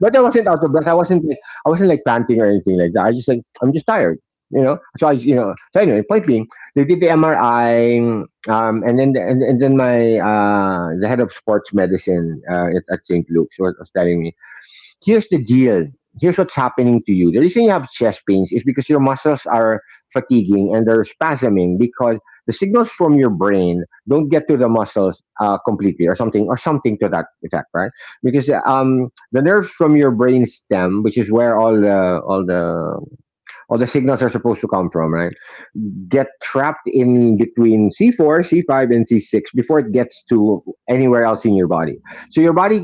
Speaker 1: But I wasn't out of breath. I wasn't, like, I wasn't like panting or anything like that. I just like, I'm just tired. You know. So I, you know. So anyway, point being, they did the MRI, and then, and then my, the head of sports medicine, at St. Luke's was telling me, here's the deal. Here's what's happening to you. The reason you have chest pains is because your muscles are fatiguing and they're spasming because the signals from your brain don't get to the muscles, completely, or something, or something to that effect, right? Because the nerve from your brain stem, which is where all the signals are supposed to come from, right? Get trapped in between C4, C5, and C6 before it gets to anywhere else in your body. So your body,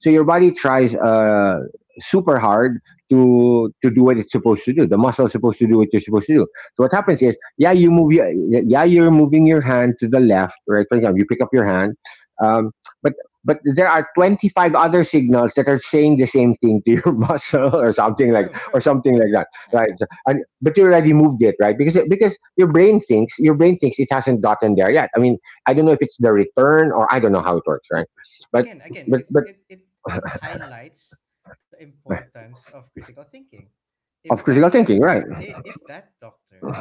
Speaker 1: so your body tries, super hard to do what it's supposed to do. The muscle is supposed to do what you're supposed to do. So what happens
Speaker 2: Mm-hmm.
Speaker 1: is, yeah, you move, your, yeah, you're moving your hand to the left, right? For example, you pick up your hand, um, but but there are 25 other signals that are saying the same thing to your (laughs) muscle
Speaker 2: True,
Speaker 1: or
Speaker 2: true.
Speaker 1: something
Speaker 2: Yeah,
Speaker 1: like that,
Speaker 2: yeah.
Speaker 1: right. And but you already moved it, right? Because your brain thinks it hasn't gotten there yet, I mean, I don't know if it's the return or I don't know how it works, right. but
Speaker 2: Again, again,
Speaker 1: but
Speaker 2: it's
Speaker 1: but
Speaker 2: it it it highlights the importance of critical thinking. If
Speaker 1: of
Speaker 2: that
Speaker 1: critical thinking,
Speaker 2: year,
Speaker 1: right.
Speaker 2: if that doctor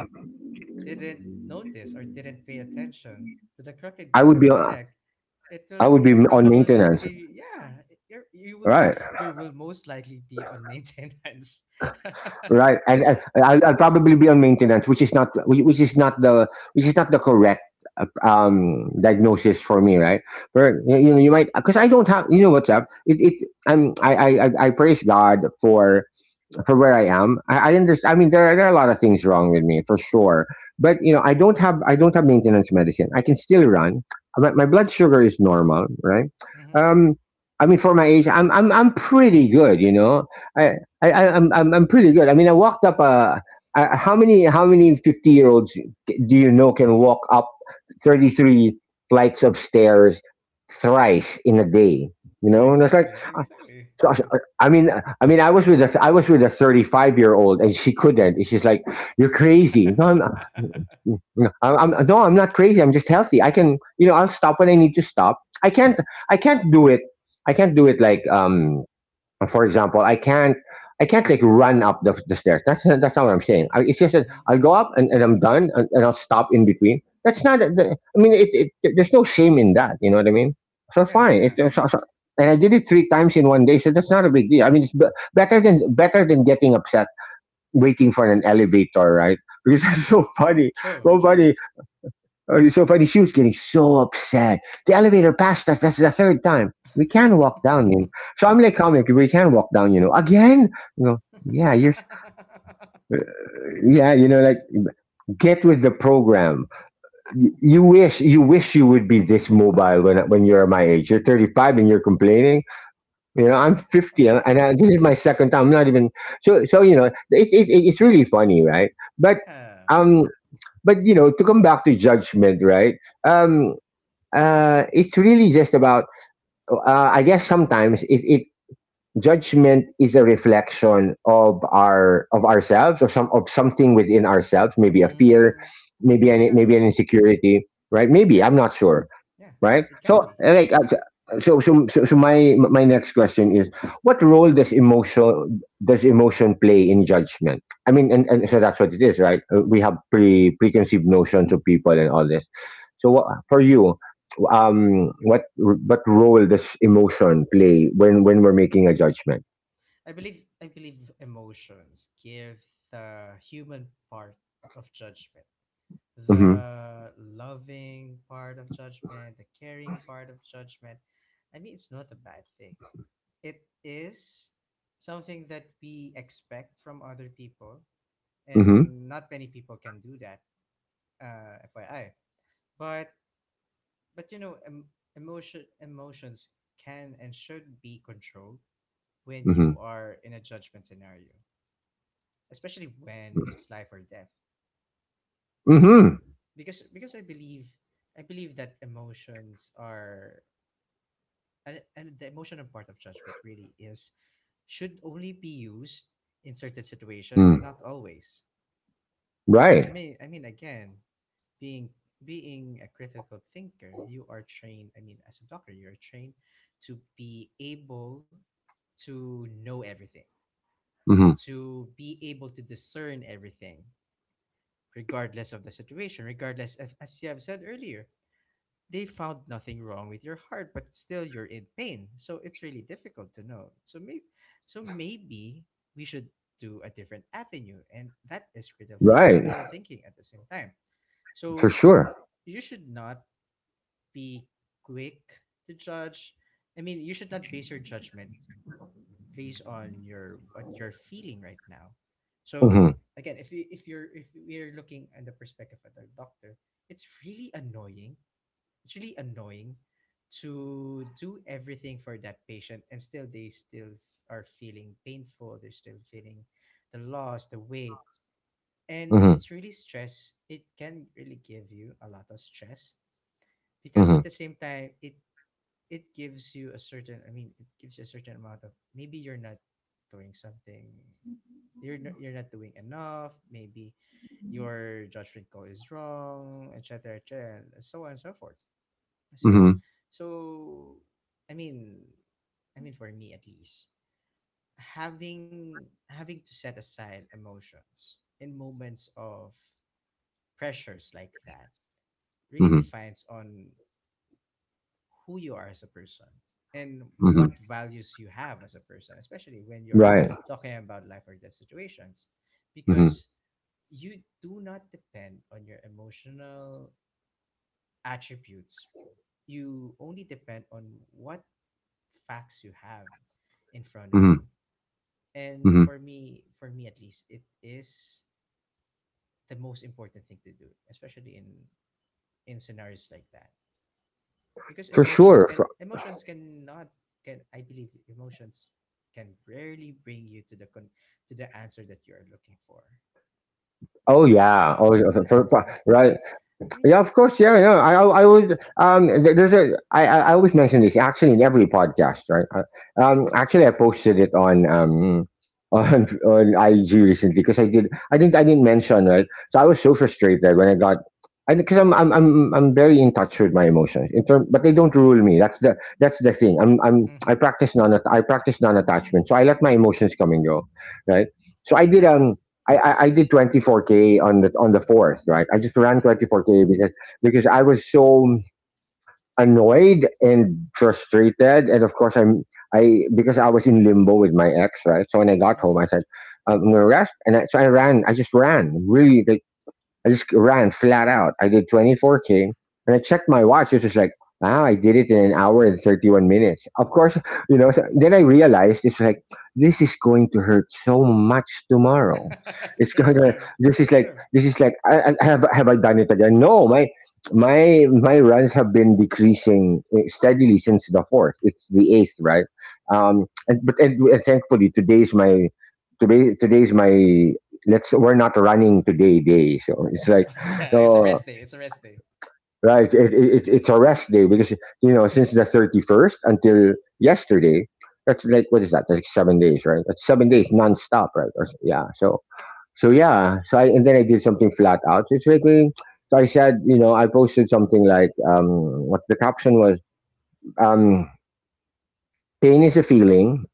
Speaker 2: didn't notice or didn't pay attention to the
Speaker 1: i
Speaker 2: crookedness
Speaker 1: would
Speaker 2: of
Speaker 1: be
Speaker 2: your
Speaker 1: on,
Speaker 2: neck, it
Speaker 1: I
Speaker 2: will
Speaker 1: would be
Speaker 2: your
Speaker 1: on
Speaker 2: problem will not
Speaker 1: maintenance,
Speaker 2: be, yeah, you're, you will be-
Speaker 1: right,
Speaker 2: you will most likely be on maintenance,
Speaker 1: right.
Speaker 2: (laughs)
Speaker 1: and,
Speaker 2: because,
Speaker 1: and I'll probably be on maintenance, which is not the correct diagnosis for me, right. But you know, you might, because I don't have, you know what's up. It I'm I praise God for where I am. I understand. I mean, there are a lot of things wrong with me, for sure. But you know, I don't have maintenance medicine. I can still run. My blood sugar is normal, right?
Speaker 2: mhm,
Speaker 1: Um, I mean, for my age, I'm pretty good. You know, I I'm pretty good. I mean, I walked up a. How many 50-year olds do you know can walk up 33 flights of stairs thrice in a day? You
Speaker 2: I mean,
Speaker 1: know, and it's like,
Speaker 2: exactly, exactly,
Speaker 1: so
Speaker 2: yeah.
Speaker 1: I I mean, I was with a 35-year-old, and she couldn't. And she's like, "You're crazy." No, I'm not crazy. I'm just healthy. I can, you know, I'll stop when I need to stop. I can't do it. I can't do it like for example, I can't like run up the stairs. That's not what I'm saying. It's just
Speaker 2: (laughs)
Speaker 1: that I'll
Speaker 2: Hmm.
Speaker 1: go up and, I'm done and, I'll stop in between. That's not. I mean, there's no shame in that. You know what I mean? So
Speaker 2: Yeah,
Speaker 1: fine. If
Speaker 2: yeah.
Speaker 1: there's, so, so- and I did it three times in one day, so that's not a big deal. I mean, it's b- better than getting upset waiting for an elevator, right? (laughs) Because that's so funny.
Speaker 2: True,
Speaker 1: So
Speaker 2: true.
Speaker 1: funny. Oh, it's so funny. She was getting so upset. The elevator passed us. That's the third time. We can walk down. So I'm like, comic, we can walk down. Again? You know, yeah,
Speaker 2: (laughs)
Speaker 1: yeah, you know, like, get with the program. You wish, you would be this mobile when you're my age. You're 35 and you're complaining. You know, I'm 50 and, this is my second time. I'm not even, so, so, It's really funny, right? But,
Speaker 2: Yeah.
Speaker 1: um, to come back to judgment, right? Um, it's really just about, I guess sometimes it, it judgment is a reflection of our, of ourselves, or something within ourselves, maybe a fear,
Speaker 2: Mm, yeah,
Speaker 1: maybe an insecurity, right, maybe
Speaker 2: can
Speaker 1: I'm
Speaker 2: be,
Speaker 1: not sure,
Speaker 2: yeah,
Speaker 1: right?
Speaker 2: it can be.
Speaker 1: So my next question is, what role does emotion, play in judgment? I mean, and, so that's what it is, right? We have preconceived notions of people and all this. So, what, for you, what role does emotion play when we're making a judgment?
Speaker 2: I believe emotions give the human part of judgment,
Speaker 1: Mm-hmm.
Speaker 2: the loving part of judgment, the caring part of judgment. I mean, it's not a bad thing. It is something that we expect from other people,
Speaker 1: Mm-hmm.
Speaker 2: and not many people can do that. FYI, but but you know, emotions can and should be controlled when
Speaker 1: Mm-hmm.
Speaker 2: you are in a judgment scenario, especially when it's life or death,
Speaker 1: Mm-hmm.
Speaker 2: because I believe that emotions are, and the emotional part of judgment really is should only be used in certain situations
Speaker 1: Mm.
Speaker 2: and not always. I
Speaker 1: Right.
Speaker 2: mean, I mean, again, being being a critical thinker, you are trained, I mean, as a doctor, you're trained to be able to know everything,
Speaker 1: Mm-hmm.
Speaker 2: to be able to discern everything regardless of the situation, regardless if, as you have said earlier, they found nothing wrong with your heart, but still you're in pain. So it's really difficult to know. So maybe, so maybe we should do a different avenue, and that is critical,
Speaker 1: Right.
Speaker 2: critical thinking at the same time.
Speaker 1: For
Speaker 2: So
Speaker 1: sure.
Speaker 2: you should not be quick to judge. I mean, you should not base your judgment based on your what you're feeling right now. So
Speaker 1: Mm-hmm.
Speaker 2: again, if you're, if we're looking at the perspective of the doctor, it's really annoying. It's really annoying to do everything for that patient and still they still are feeling painful, they're still feeling the loss, the weight. And
Speaker 1: Mm-hmm.
Speaker 2: it's really stress. It can really give you a lot of stress, because
Speaker 1: Mm-hmm.
Speaker 2: at the same time it it gives you a certain, I mean, it gives you a certain amount of maybe you're not doing something, you're not doing enough, maybe your judgment call is wrong, etc., etc., and so on and so forth. So,
Speaker 1: Mm-hmm.
Speaker 2: so I mean, I mean, for me at least, having to set aside emotions in moments of pressures like that really
Speaker 1: Mm-hmm.
Speaker 2: defines on who you are as a person and
Speaker 1: Mm-hmm.
Speaker 2: what values you have as a person, especially when you're
Speaker 1: Right.
Speaker 2: talking about life or death situations,
Speaker 1: Mm-hmm.
Speaker 2: because you do not depend on your emotional attributes. You only depend on what facts you have in front of
Speaker 1: Hmm.
Speaker 2: you. And
Speaker 1: Hmm.
Speaker 2: for me at least, it is the most important thing to do, especially in scenarios like that, because
Speaker 1: For sure.
Speaker 2: emotions cannot, can, I believe emotions can rarely bring you to the con to the answer that you are looking for.
Speaker 1: Oh
Speaker 2: Does it
Speaker 1: yeah. Oh yeah,
Speaker 2: does make sense?
Speaker 1: right.
Speaker 2: I mean,
Speaker 1: Yeah. Of course. Yeah. Yeah. I would. Th- There's a. I always mention this actually in every podcast. Right. Actually, I posted it on (laughs) on IG recently because I did. I didn't. Mention, right. So I was so frustrated when I got. I because I'm very in touch with my emotions in term, but they don't rule me. That's the thing. I'm I'm I
Speaker 2: mm-hmm,
Speaker 1: practice non I practice non attachment, so I let my emotions come and go, right? So I did,
Speaker 2: mm-hmm,
Speaker 1: I did 24K on the fourth, right? I just ran
Speaker 2: mm-hmm,
Speaker 1: 24K because I was so annoyed and frustrated, and of course I'm I because I was in limbo with my ex, right? So when I got home, I said, I'm gonna rest, and so I ran. I just ran really like I just ran flat out. I did 24K and I checked my watch. It was like, wow, I did it in an hour and 31 minutes. Of course, so then I realized, it's like, this is going to hurt so much tomorrow.
Speaker 2: mm-hmm. (laughs)
Speaker 1: It's (laughs) going
Speaker 2: True,
Speaker 1: to,
Speaker 2: true,
Speaker 1: this is like,
Speaker 2: true. (laughs)
Speaker 1: have I done it again? No, my runs have been decreasing, eh, steadily since the fourth. It's the eighth, right? And, but, and thankfully today's my, let's, we're not running today day, so it's like,
Speaker 2: Oh, yeah, it's a
Speaker 1: oh,
Speaker 2: rest day. It's a rest day.
Speaker 1: right, it's a rest day because, since the 31st until yesterday, that's like, what is that, that's like 7 days, right, that's 7 days nonstop, right. Or yeah so, yeah, so I and then I did something flat out, so it's like, eh, so I said, you know, I posted something like, what the caption was, um pain is a feeling,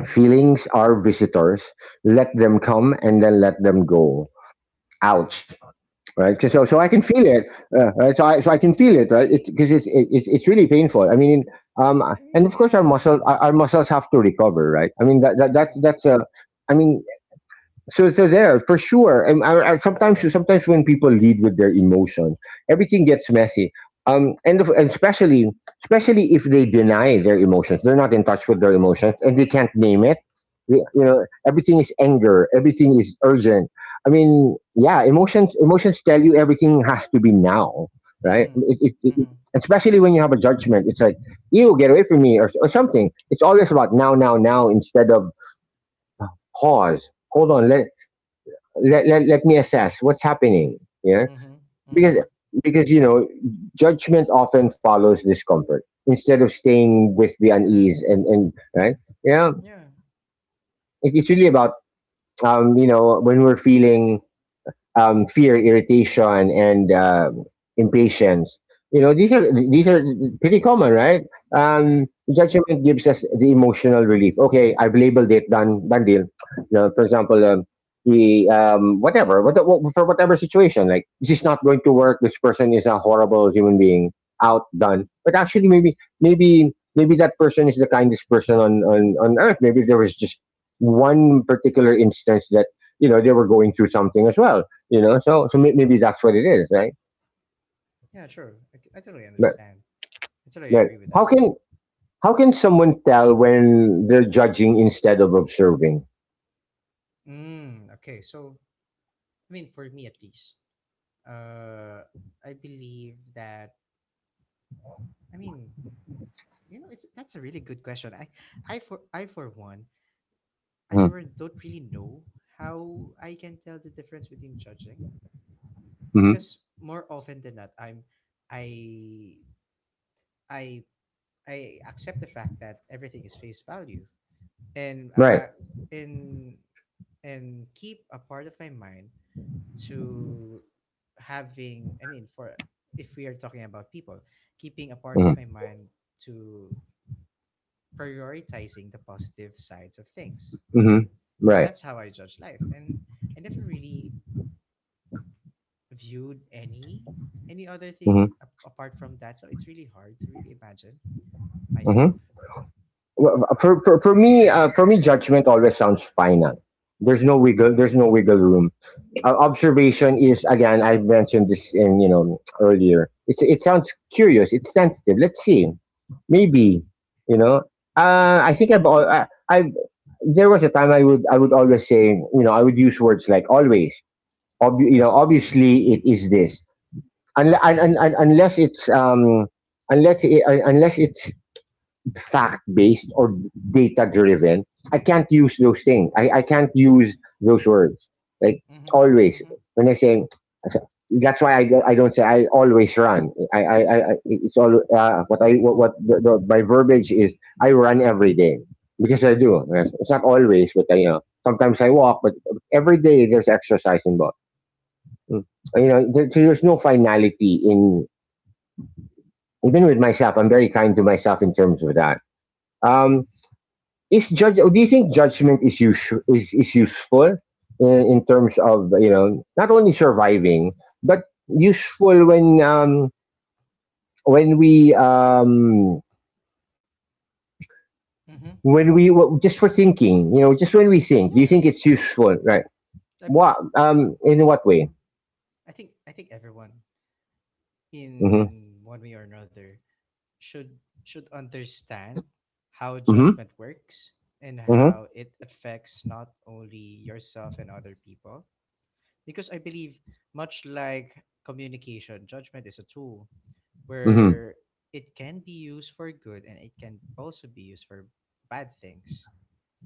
Speaker 2: Mm-hmm.
Speaker 1: feelings are visitors, let them come and then let them go.
Speaker 2: True.
Speaker 1: Ouch. Right?
Speaker 2: (laughs)
Speaker 1: So I can feel
Speaker 2: I
Speaker 1: it, right? So I can feel it, right? Because it's really painful. I mean, um, and
Speaker 2: mean,
Speaker 1: of course our
Speaker 2: yeah,
Speaker 1: our muscles have to recover, right? I mean,
Speaker 2: true.
Speaker 1: that's a, I mean, so there, for sure. And I sometimes when people lead with their emotions, everything gets messy, and, especially if they deny their emotions, they're not in touch with their emotions, and they can't name it. You know, everything is anger, everything is urgent. I mean, yeah, emotions tell you everything has to be now, right,
Speaker 2: Mm-hmm, mm-hmm,
Speaker 1: especially when you have a judgment, it's like, you get away from me, or something, it's always about now, now, now, instead of pause, hold on, let me assess what's happening, yeah,
Speaker 2: mm-hmm, mm-hmm.
Speaker 1: because because you know, judgment often follows discomfort, instead of staying with the
Speaker 2: Yeah,
Speaker 1: unease, and right, yeah,
Speaker 2: yeah,
Speaker 1: it's really about, you know, when we're feeling, fear, irritation, and impatience. You know, these are pretty common, right?
Speaker 2: yeah,
Speaker 1: Um, judgment gives us the emotional relief. Okay, I've labeled it. Done. Done deal. You know, for example, the whatever, what for whatever situation, like, this is not going to work. This person is a horrible human being. Out. Done. But actually, maybe that person is the kindest person on earth. Maybe there was just one particular instance that, you know, they were going through something as well, you know. So, maybe that's what it is, right?
Speaker 2: yeah. True. I totally
Speaker 1: Right,
Speaker 2: understand. I totally
Speaker 1: right.
Speaker 2: agree with
Speaker 1: How
Speaker 2: that.
Speaker 1: can how can someone tell when they're judging instead of observing?
Speaker 2: Mm, okay, so, I mean, for me at least, uh, I believe that, I mean, you know, it's that's a really good question. I for one, don't really know how I can tell the difference between judging,
Speaker 1: Hmm.
Speaker 2: because more often than not, I, I, I accept the fact that everything is face value and
Speaker 1: Right.
Speaker 2: about, and and keep a part of my mind to having, I mean, for if we are talking about people, keeping a part of my
Speaker 1: Hmm,
Speaker 2: mind to prioritizing the positive sides of things. And
Speaker 1: right.
Speaker 2: that's how I judge life, and I never really viewed any other
Speaker 1: Hmm.
Speaker 2: thing apart from that, so it's really hard to really imagine myself.
Speaker 1: Hmm. Well, for me, judgment always sounds final. There's no wiggle. There's no wiggle
Speaker 2: Mm,
Speaker 1: room. Observation is again. I mentioned this in, earlier. It sounds curious. It's sensitive. Let's see. Maybe, you know.
Speaker 2: yeah.
Speaker 1: I think I've al- I, I've there was a time I would, always say, you know, I would use words like always. Ob- you know, obviously it is this. Unless it's unless it, un- unless it's fact based or data driven, I can't use those things. I can't use those words. Like
Speaker 2: Mm-hmm.
Speaker 1: always,
Speaker 2: Mm-hmm.
Speaker 1: when I say, that's why I don't say I always run. I it's all, what I, what the, my verbiage is, I run every day because I do. It's not always, but, you know, sometimes I walk, but every day there's exercise involved. Mm. You know, there, so there's no finality in, even with myself. I'm very kind to myself in terms of that. Um, is judge, do you think judgment is useful in, terms of, you know, not only surviving, but useful when we um
Speaker 2: Mm-hmm.
Speaker 1: just for thinking, you know, just when we think, do you
Speaker 2: Yeah,
Speaker 1: think it's useful, right?
Speaker 2: I,
Speaker 1: what In what way?
Speaker 2: mm-hmm. I think everyone
Speaker 1: Mhm.
Speaker 2: in one way or another should should understand how
Speaker 1: Mhm.
Speaker 2: judgment works and
Speaker 1: Mhm.
Speaker 2: how it affects not only yourself and other people, because I believe, much like communication, judgment is a tool
Speaker 1: Mhm.
Speaker 2: where it can be used for good and it can also be used for bad things.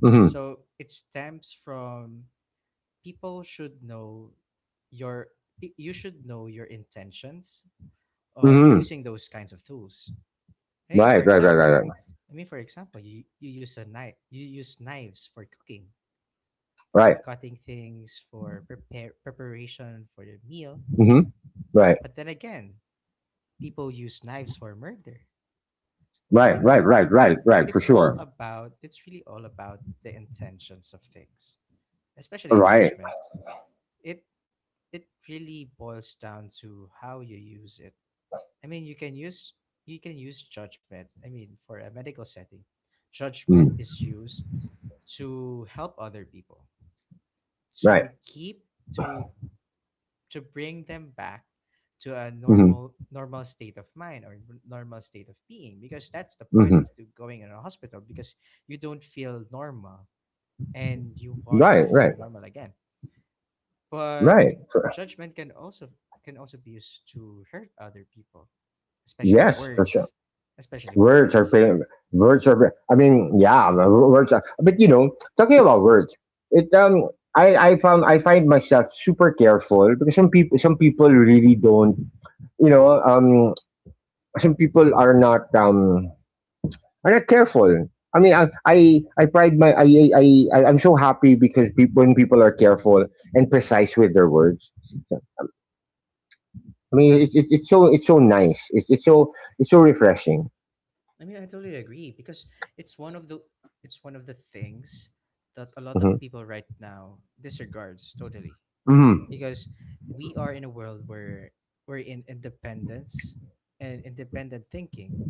Speaker 1: Mhm.
Speaker 2: So it stems from people should know your you should know your intentions of
Speaker 1: Mhm.
Speaker 2: using those kinds of tools. Hey, for
Speaker 1: Right, right, right, right,
Speaker 2: example,
Speaker 1: right,
Speaker 2: for example, you use a knife, you use knives for cooking, for
Speaker 1: right.
Speaker 2: cutting things, for prepare preparation for the meal.
Speaker 1: Mhm. Right,
Speaker 2: But then again, people use knives for murder.
Speaker 1: right,
Speaker 2: Again,
Speaker 1: right, right, right, right, for sure.
Speaker 2: it's really all about the intentions of things, especially in
Speaker 1: Right.
Speaker 2: judgment. It it really boils down to how you use it. I mean, you can use you can use judgment. I mean, for a medical setting, judgment
Speaker 1: Mm.
Speaker 2: is used to help other people,
Speaker 1: Right.
Speaker 2: to keep to to bring them back to a
Speaker 1: Mhm.
Speaker 2: normal state of mind or normal state of being, because that's the point of
Speaker 1: Mhm.
Speaker 2: to going in a hospital, because you don't feel normal and you want
Speaker 1: Right,
Speaker 2: to
Speaker 1: right.
Speaker 2: feel normal again. But
Speaker 1: Right.
Speaker 2: judgment can also be used to hurt other people, especially
Speaker 1: Yes, for sure.
Speaker 2: words, especially
Speaker 1: Words are
Speaker 2: words.
Speaker 1: pain. Words are. I mean, yeah, words are. But talking about words, it I found I find myself super careful because some people really don't. You know, um, some people are not careful. I mean, I I, I pride my I, I'm so happy because peop when people are careful and precise with their words. So, I mean, it's so nice. It's so refreshing.
Speaker 2: I mean, I totally agree because it's one of the it's one of the things that a lot of
Speaker 1: Mm-hmm.
Speaker 2: people right now disregards totally,
Speaker 1: Hmm.
Speaker 2: because we are in a world where we're in independence and independent thinking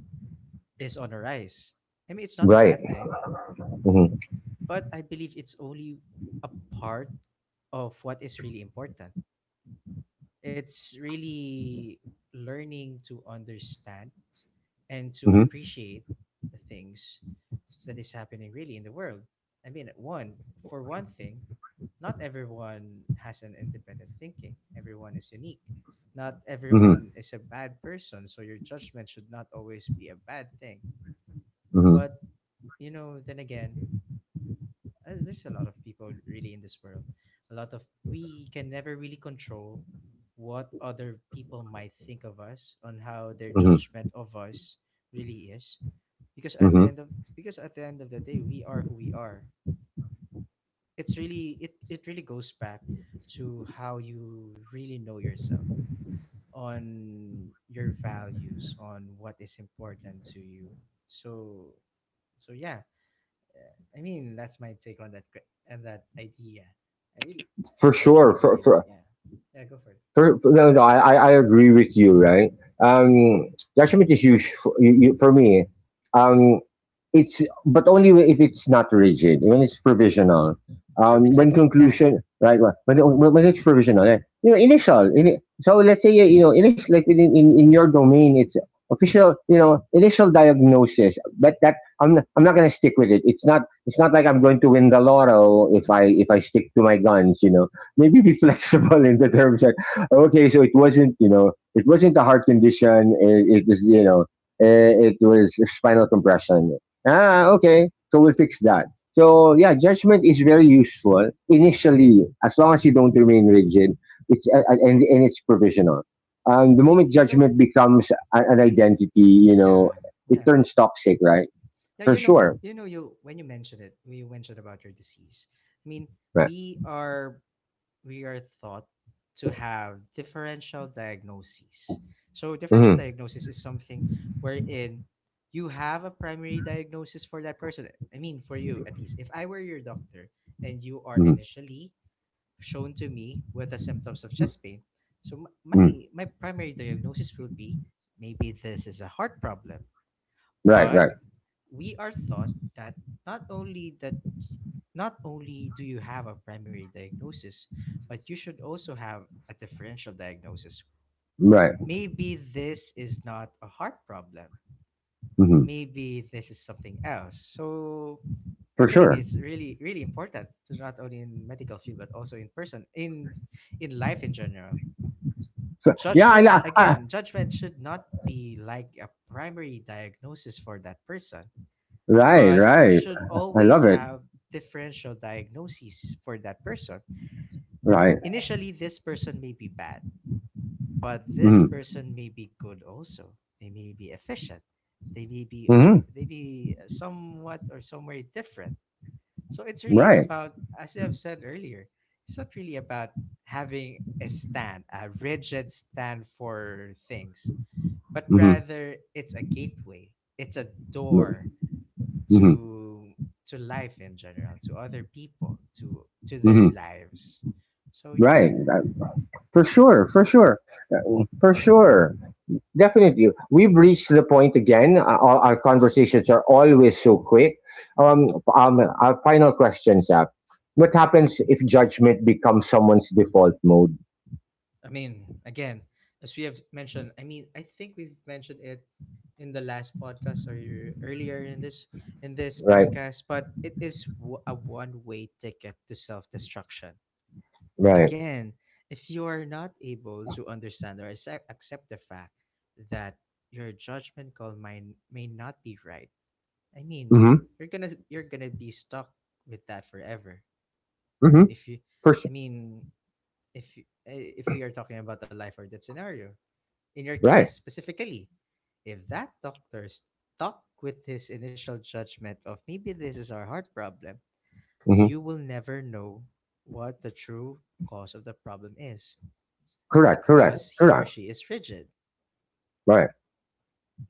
Speaker 2: is on a rise. I mean, it's not a
Speaker 1: Right.
Speaker 2: bad thing,
Speaker 1: Hmm.
Speaker 2: but I believe it's only a part of what is really important. It's really learning to understand and to
Speaker 1: Hmm.
Speaker 2: appreciate the things that is happening really in the world. I mean, one for one thing, not everyone has an independent thinking. Everyone is unique. Not
Speaker 1: Hmm.
Speaker 2: everyone is a bad person, so your judgment should not always be a bad thing.
Speaker 1: Hmm.
Speaker 2: But you know, then again, there's a lot of people really in this world. A lot of we can never really control what other people might think of us, on how their judgment of us really is, because
Speaker 1: Hmm.
Speaker 2: at the end of the day we are who we are. It's really it really goes back to how you really know yourself, on your values, on what is important to you. So so yeah, I mean, that's my take on that que- and that idea. I really,
Speaker 1: For
Speaker 2: I really
Speaker 1: sure.
Speaker 2: believe, yeah, yeah, go for it.
Speaker 1: No, no, I agree with you, right? Um, judgment is huge for me. Um, it's but only if it's not rigid, when it's provisional.
Speaker 2: Sure,
Speaker 1: When
Speaker 2: exactly, yeah.
Speaker 1: conclusion, right? Well, when it's provisional, right? Initial. In, so let's say initial, like in your domain, it's official. Initial diagnosis, but that I'm not gonna stick with it. It's not like I'm going to win the laurel if I stick to my guns. You know, maybe be (laughs) flexible in the terms. Okay, so it wasn't, you know, it wasn't a heart condition. It is, you know, it was spinal compression. Ah, okay. So we'll fix that. So yeah, judgment is very useful initially, as long as you don't remain rigid. It's and it's provisional. The
Speaker 2: Y-
Speaker 1: moment
Speaker 2: You know,
Speaker 1: judgment
Speaker 2: y-
Speaker 1: becomes an identity, you know,
Speaker 2: yeah,
Speaker 1: it
Speaker 2: yeah,
Speaker 1: turns toxic, right?
Speaker 2: yeah.
Speaker 1: For sure,
Speaker 2: You know, you when you mentioned it, when you mentioned about your disease. I mean,
Speaker 1: right?
Speaker 2: we are we are thought to have differential diagnoses. So, differential
Speaker 1: Mm-hmm.
Speaker 2: diagnosis is something wherein you have a primary diagnosis for that person. I mean, for you at least. If I were your doctor and you are
Speaker 1: Mm-hmm.
Speaker 2: initially shown to me with the symptoms of chest pain, so
Speaker 1: Mm-hmm.
Speaker 2: my primary diagnosis would be maybe this is a heart problem,
Speaker 1: Right,
Speaker 2: but
Speaker 1: right,
Speaker 2: we are taught that not only that not only do you have a primary diagnosis, but you should also have a differential diagnosis.
Speaker 1: right.
Speaker 2: Maybe this is not a heart problem.
Speaker 1: Mm-hmm.
Speaker 2: Maybe this is something else. So I
Speaker 1: For
Speaker 2: believe
Speaker 1: sure.
Speaker 2: it's really really important to not only in medical field but also in person in life in general.
Speaker 1: So, yeah,
Speaker 2: Judgment, again, judgment should not be like a primary diagnosis for that person,
Speaker 1: right,
Speaker 2: but you
Speaker 1: right.
Speaker 2: should
Speaker 1: I love
Speaker 2: always
Speaker 1: it.
Speaker 2: have differential diagnoses for that person.
Speaker 1: Right.
Speaker 2: Initially, this person may be bad, but this
Speaker 1: Mm-hmm.
Speaker 2: person may be good also. They may be efficient. They may be,
Speaker 1: Mm-hmm.
Speaker 2: they be somewhat or somewhere different. So it's really
Speaker 1: Right.
Speaker 2: about, as I've said earlier, it's not really about having a stand, a rigid stand for things, but
Speaker 1: Mm-hmm.
Speaker 2: rather it's a gateway. It's a door
Speaker 1: Mm-hmm.
Speaker 2: to to life in general, to other people, to their
Speaker 1: Mm-hmm.
Speaker 2: lives. So yeah.
Speaker 1: Right. For sure. For sure. For sure. Definitely. We've reached the point again. All our conversations are always so quick. Um, our final question, Zach: what happens if judgment becomes someone's default mode?
Speaker 2: I mean, again, as we have mentioned, I mean, I think we've mentioned it in the last podcast, or earlier in this
Speaker 1: Right.
Speaker 2: podcast, but it is a one way ticket to self destruction.
Speaker 1: Right.
Speaker 2: Again, if you are not able to understand or accept the fact that your judgment call may not be right. I mean,
Speaker 1: Mm-hmm.
Speaker 2: you're gonna be stuck with that forever. I
Speaker 1: Mm-hmm.
Speaker 2: mean, if you,
Speaker 1: For sure.
Speaker 2: I mean, if you- eh, if we are talking about the life or death scenario, in your case
Speaker 1: Right.
Speaker 2: specifically, if that doctor stuck with his initial judgment of maybe this is our heart problem,
Speaker 1: Mm-hmm.
Speaker 2: you will never know what the true cause of the problem is,
Speaker 1: Correct. Correct.
Speaker 2: because he or
Speaker 1: Correct.
Speaker 2: she is rigid.
Speaker 1: Right.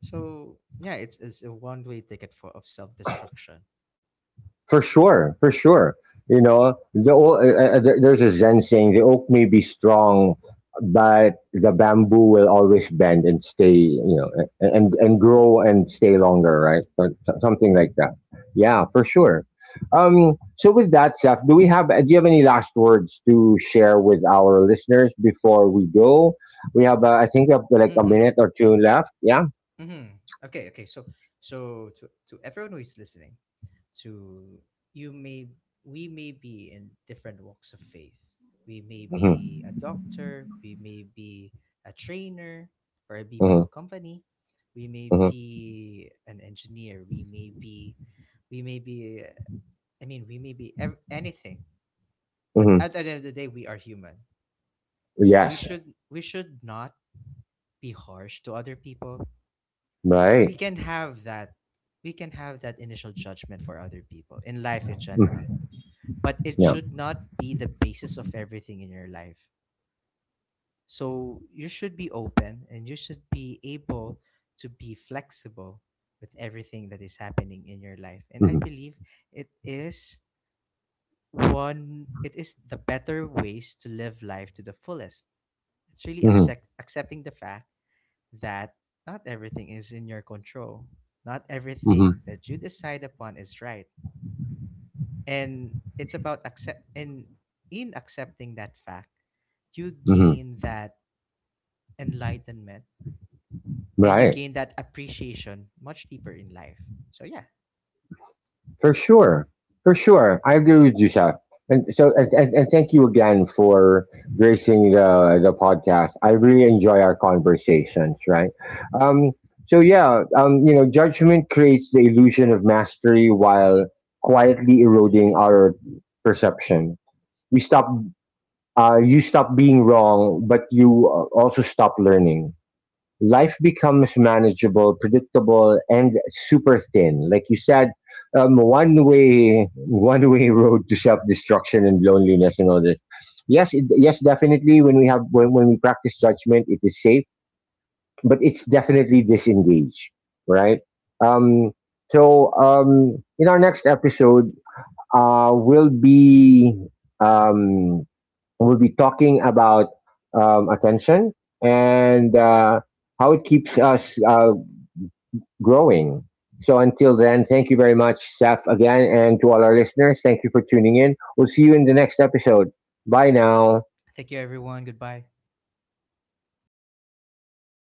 Speaker 2: So yeah, it's a one way ticket for of self destruction.
Speaker 1: For sure, for sure. You know, the there's a Zen saying the oak may be strong, but the bamboo will always bend and stay. You know, and grow and stay longer, right? Something like that. Yeah, for sure. So with that, Seth, do we have? Do you have any last words to share with our listeners before we go? We have, I think, we have like a
Speaker 2: Mm-hmm.
Speaker 1: minute or two left. Yeah.
Speaker 2: Mm-hmm. Okay, okay. So, so to everyone who is listening, to you may we may be in different walks of faith. We may
Speaker 1: Hmm.
Speaker 2: be a doctor, we may be a trainer for a
Speaker 1: Hmm.
Speaker 2: BPO company, we may
Speaker 1: Hmm.
Speaker 2: be an engineer, we may be, we may be. I mean, we may be anything. But
Speaker 1: Hmm.
Speaker 2: at the end of the day, we are human.
Speaker 1: Yes.
Speaker 2: We should not be harsh to other people. we
Speaker 1: Right.
Speaker 2: can have that we can have that initial judgment for other people in life in general,
Speaker 1: Mhm.
Speaker 2: but it
Speaker 1: Yeah.
Speaker 2: should not be the basis of everything in your life. So you should be open and you should be able to be flexible with everything that is happening in your life. And I
Speaker 1: Mhm.
Speaker 2: believe it is one it is the better ways to live life to the fullest. It's really
Speaker 1: Mm-hmm.
Speaker 2: accepting the fact that not everything is in your control. Not everything
Speaker 1: Mm-hmm.
Speaker 2: that you decide upon is right. And it's about accept in accepting that fact, you
Speaker 1: Hmm.
Speaker 2: gain that enlightenment and you
Speaker 1: Right.
Speaker 2: gain that appreciation much deeper in life. So yeah.
Speaker 1: For sure. For sure. I agree with you, Seth. And so, and thank you again for gracing the podcast. I really enjoy our conversations, right? Um, so yeah, you know, judgment creates the illusion of mastery while quietly eroding our perception. We stop, you stop being wrong, but you also stop learning. Life becomes manageable, predictable, and super thin. Like you said, one way road to self destruction and loneliness and all this. Yes, yes, definitely. When we when we practice judgment, it is safe, but it's definitely disengaged, right? Um, so in our next episode, will be um, we'll be talking about attention and how it keeps us growing. So until then, thank you very much, Saf, again, and to all our listeners. Thank you for tuning in. We'll see you in the next episode. Bye now.
Speaker 2: Thank you everyone. Goodbye.
Speaker 1: All right.